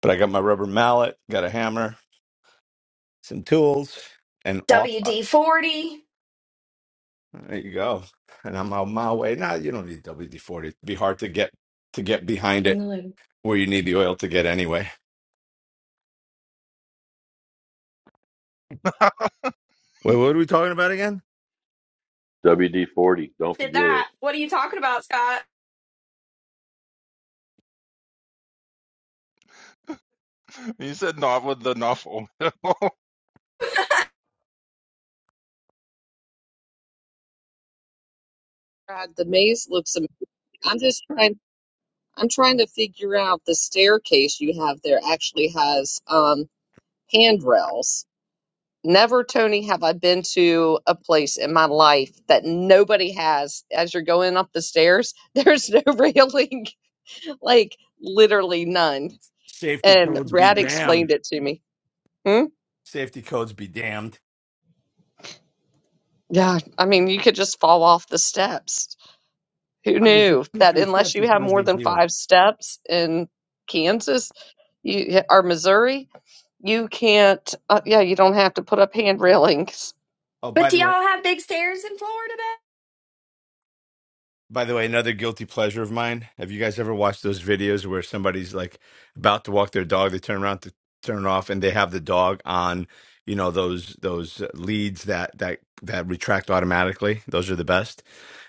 [SPEAKER 9] but I got my rubber mallet, got a hammer, some tools, and off. I-
[SPEAKER 4] WD 40.
[SPEAKER 9] There you go. And I'm on my way. Now nah, you don't need WD forty. It'd be hard to get to get behind
[SPEAKER 4] Bring
[SPEAKER 9] it
[SPEAKER 4] the lube.
[SPEAKER 9] where you need the oil to get anyway.
[SPEAKER 6] *laughs*
[SPEAKER 9] Wait, what are we talking about again?
[SPEAKER 13] WD-40. Don't
[SPEAKER 4] Did
[SPEAKER 13] forget it.
[SPEAKER 4] that. What are you talking about, Scott?
[SPEAKER 6] You said not with the oil. *laughs*
[SPEAKER 1] God, the maze looks amazing. I'm just trying I'm trying to figure out the staircase you have there actually has um handrails. Never, Tony, have I been to a place in my life that nobody has as you're going up the stairs. *laughs* There's no railing, *laughs* like literally none.
[SPEAKER 9] Safety
[SPEAKER 1] And
[SPEAKER 9] codes be
[SPEAKER 1] Brad
[SPEAKER 9] damned.
[SPEAKER 1] explained it to me. Hmm?
[SPEAKER 9] Safety codes be damned.
[SPEAKER 1] Yeah, I mean, you could just fall off the steps. Who
[SPEAKER 9] I mean, if it's
[SPEAKER 1] knew
[SPEAKER 9] two,
[SPEAKER 1] that
[SPEAKER 9] three
[SPEAKER 1] unless
[SPEAKER 9] steps,
[SPEAKER 1] you
[SPEAKER 9] it's
[SPEAKER 1] have
[SPEAKER 9] no
[SPEAKER 1] more
[SPEAKER 9] big
[SPEAKER 1] than
[SPEAKER 9] deal.
[SPEAKER 1] five steps in Kansas you, or Missouri, you can't, uh, yeah, you don't have to put up hand railings.
[SPEAKER 9] Oh,
[SPEAKER 4] But
[SPEAKER 9] by
[SPEAKER 4] do
[SPEAKER 9] the way,
[SPEAKER 4] y'all have big stairs in Florida? babe?
[SPEAKER 9] By the way, another guilty pleasure of mine. Have you guys ever watched those videos where somebody's like about to walk their dog, they turn around to turn it off, and they have the dog on, you know, those those leads that that that retract automatically. Those are the best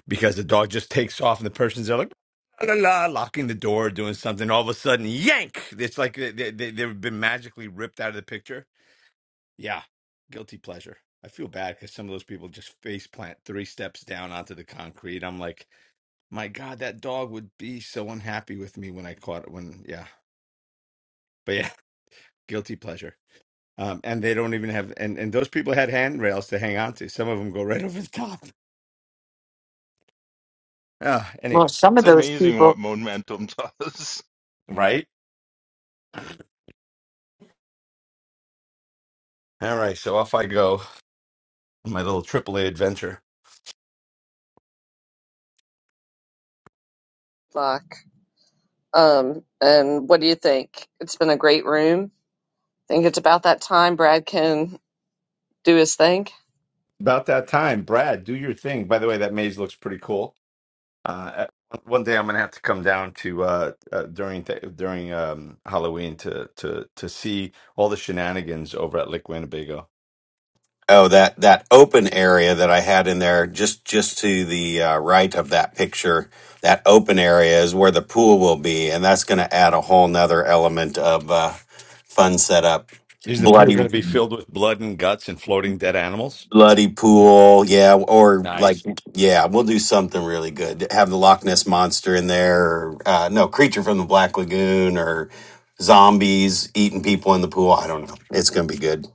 [SPEAKER 9] because the dog just takes off, and the person's there like la la, la, locking the door, doing something. All of a sudden, yank! It's like they, they they- they've been magically ripped out of the picture. Yeah, guilty pleasure. I feel bad because some of those people just face plant three steps down onto the concrete. I'm like. My God, that dog would be so unhappy with me when I caught it. When yeah, but yeah, *laughs* guilty pleasure. Um, and they don't even have and and those people had handrails to hang on to. Some of them go right *laughs* over the top. Ah,
[SPEAKER 12] for
[SPEAKER 9] anyway,
[SPEAKER 6] It's amazing
[SPEAKER 12] sure.
[SPEAKER 6] what momentum does.
[SPEAKER 9] right? All right, so off I go on my little AAA adventure.
[SPEAKER 1] Fuck. Um, and what do you think? It's been a great room. Think it's about that time Brad can do his thing.
[SPEAKER 9] About that time, Brad, do your thing. By the way, that maze looks pretty cool. Uh, uh, one day I'm gonna have to come down to uh, uh during th- during um Halloween to to to see all the shenanigans over at Lake Winnebago.
[SPEAKER 3] Oh, that that open area that I had in there, just just to the uh, right of that picture, that open area is where the pool will be, and that's going to add a whole nother element of uh, fun setup.
[SPEAKER 9] Is the pool
[SPEAKER 3] Bloody.
[SPEAKER 9] going to be filled with blood and guts and floating dead animals?
[SPEAKER 3] Bloody pool, yeah, or like,
[SPEAKER 9] Nice.
[SPEAKER 3] yeah, we'll do something really good. Have the Loch Ness monster in there, or uh, no, creature from the Black Lagoon, or zombies eating people in the pool. I don't know. It's gonna be good.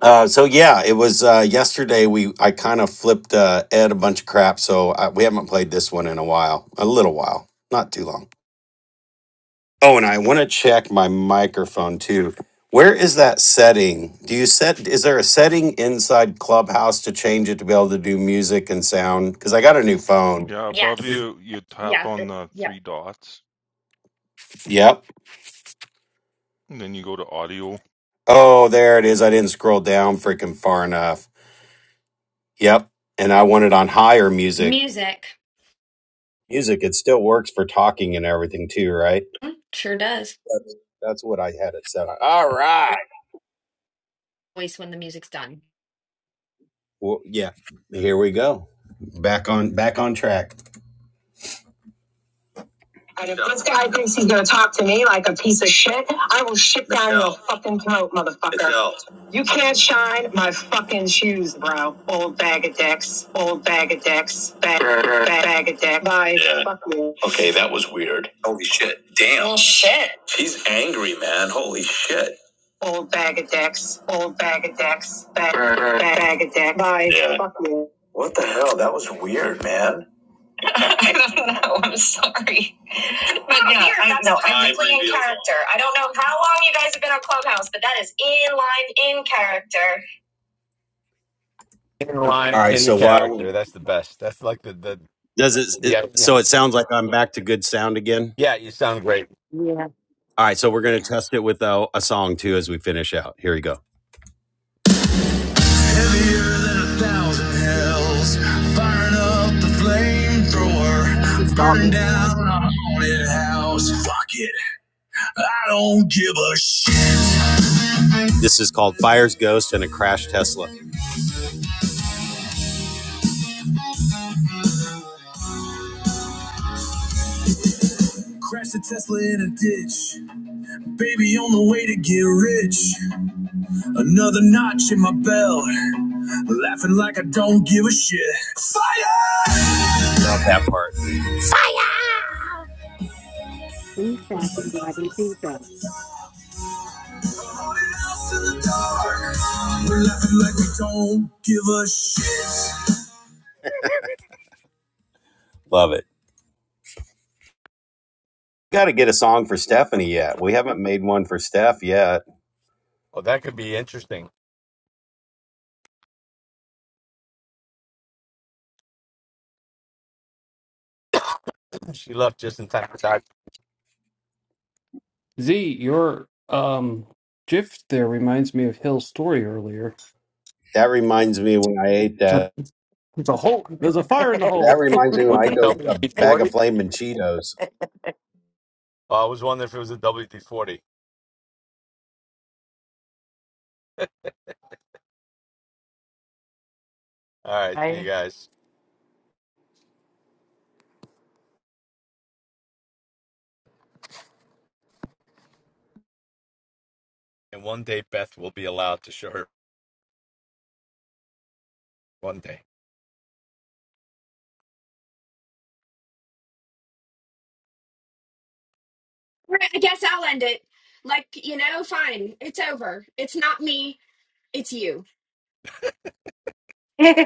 [SPEAKER 3] Uh, so yeah, it was uh, yesterday. We I kind of flipped uh, Ed a bunch of crap, so I, we haven't played this one in a while, a little while, not too long. Oh, and I want to check my microphone too. Where is that setting? Do you set, is there a setting inside Clubhouse to change it to be able to do music and sound? Because I got a new phone.
[SPEAKER 6] Yeah, above
[SPEAKER 4] Yes.
[SPEAKER 6] you, you tap
[SPEAKER 4] Yeah,
[SPEAKER 6] on
[SPEAKER 4] that
[SPEAKER 6] the
[SPEAKER 4] yeah.
[SPEAKER 6] three dots,
[SPEAKER 3] Yep.
[SPEAKER 6] and then you go to audio.
[SPEAKER 3] Oh, there it is. I didn't scroll down freaking far enough. Yep. And I want it on higher music.
[SPEAKER 4] Music.
[SPEAKER 3] Music, it still works for talking and everything too, right?
[SPEAKER 4] Mm, Sure does.
[SPEAKER 3] That's, that's what I had it set on. All right.
[SPEAKER 4] Always when the music's done.
[SPEAKER 3] Well, yeah. Here we go. Back on back on track. And if this guy thinks he's gonna talk to me like a piece of shit, I will shit down Michelle. your fucking throat, motherfucker. Michelle. You can't shine my fucking shoes, bro. Old bag of dicks. Old bag of dicks. Bag, bag, bag of dicks. Bye. Yeah. Fuck you. Okay, that was weird. Holy shit. Damn. Well, shit. She's angry, man. Holy shit. Old bag of dicks. Old bag of dicks. Bag, bag, bag of dicks. Bye. Yeah. Fuck you. What the hell? That was weird, man. *laughs* I don't know. I'm sorry. But yeah, Weird, I that's know. I'm deeply in character. I don't know how long you guys have been on Clubhouse, but that is in line in character.
[SPEAKER 9] In
[SPEAKER 3] All
[SPEAKER 9] line,
[SPEAKER 3] right.
[SPEAKER 9] in the
[SPEAKER 3] So while
[SPEAKER 9] character. That's the best. That's like the the
[SPEAKER 3] does it, it?
[SPEAKER 9] yeah yeah
[SPEAKER 3] So it sounds like I'm back to good sound again.
[SPEAKER 9] yeah. You sound great.
[SPEAKER 12] Yeah.
[SPEAKER 3] All right. So we're gonna test it with uh, a song too as we finish out. Here we go. Heavier than a thousand hells, firing up the flamethrower, burning down a haunted house. Fuck it, I don't give a shit. This is called Fires Ghost and a Crash Tesla. Crash a Tesla in a ditch. Baby on the way to get rich. Another notch in my belt. Laughing like I don't give a shit. Fire! Love that part. We're laughing like we don't give a shit. Love it. Got to get a song for Stephanie yet. We haven't made one for Steph yet.
[SPEAKER 9] Oh, that could be interesting. *clears throat* She left just in time for time.
[SPEAKER 8] Z, your um GIF there reminds me of Hill's story earlier. *laughs*
[SPEAKER 3] That reminds me when I ate that.
[SPEAKER 8] There's a hole. There's a fire in the
[SPEAKER 3] That
[SPEAKER 8] hole.
[SPEAKER 3] reminds me
[SPEAKER 8] *laughs*
[SPEAKER 3] when I
[SPEAKER 9] With
[SPEAKER 3] ate
[SPEAKER 9] the
[SPEAKER 3] those, a
[SPEAKER 9] WD
[SPEAKER 3] bag of
[SPEAKER 9] forty.
[SPEAKER 3] flaming Cheetos.
[SPEAKER 9] Oh, I was wondering if it was a WD forty. All right,
[SPEAKER 12] I-
[SPEAKER 9] see you guys. And one day Beth will be allowed to show her. One day.
[SPEAKER 4] Right, I guess I'll end it. Like, you know, fine. It's over. It's not me, it's you.
[SPEAKER 12] *laughs*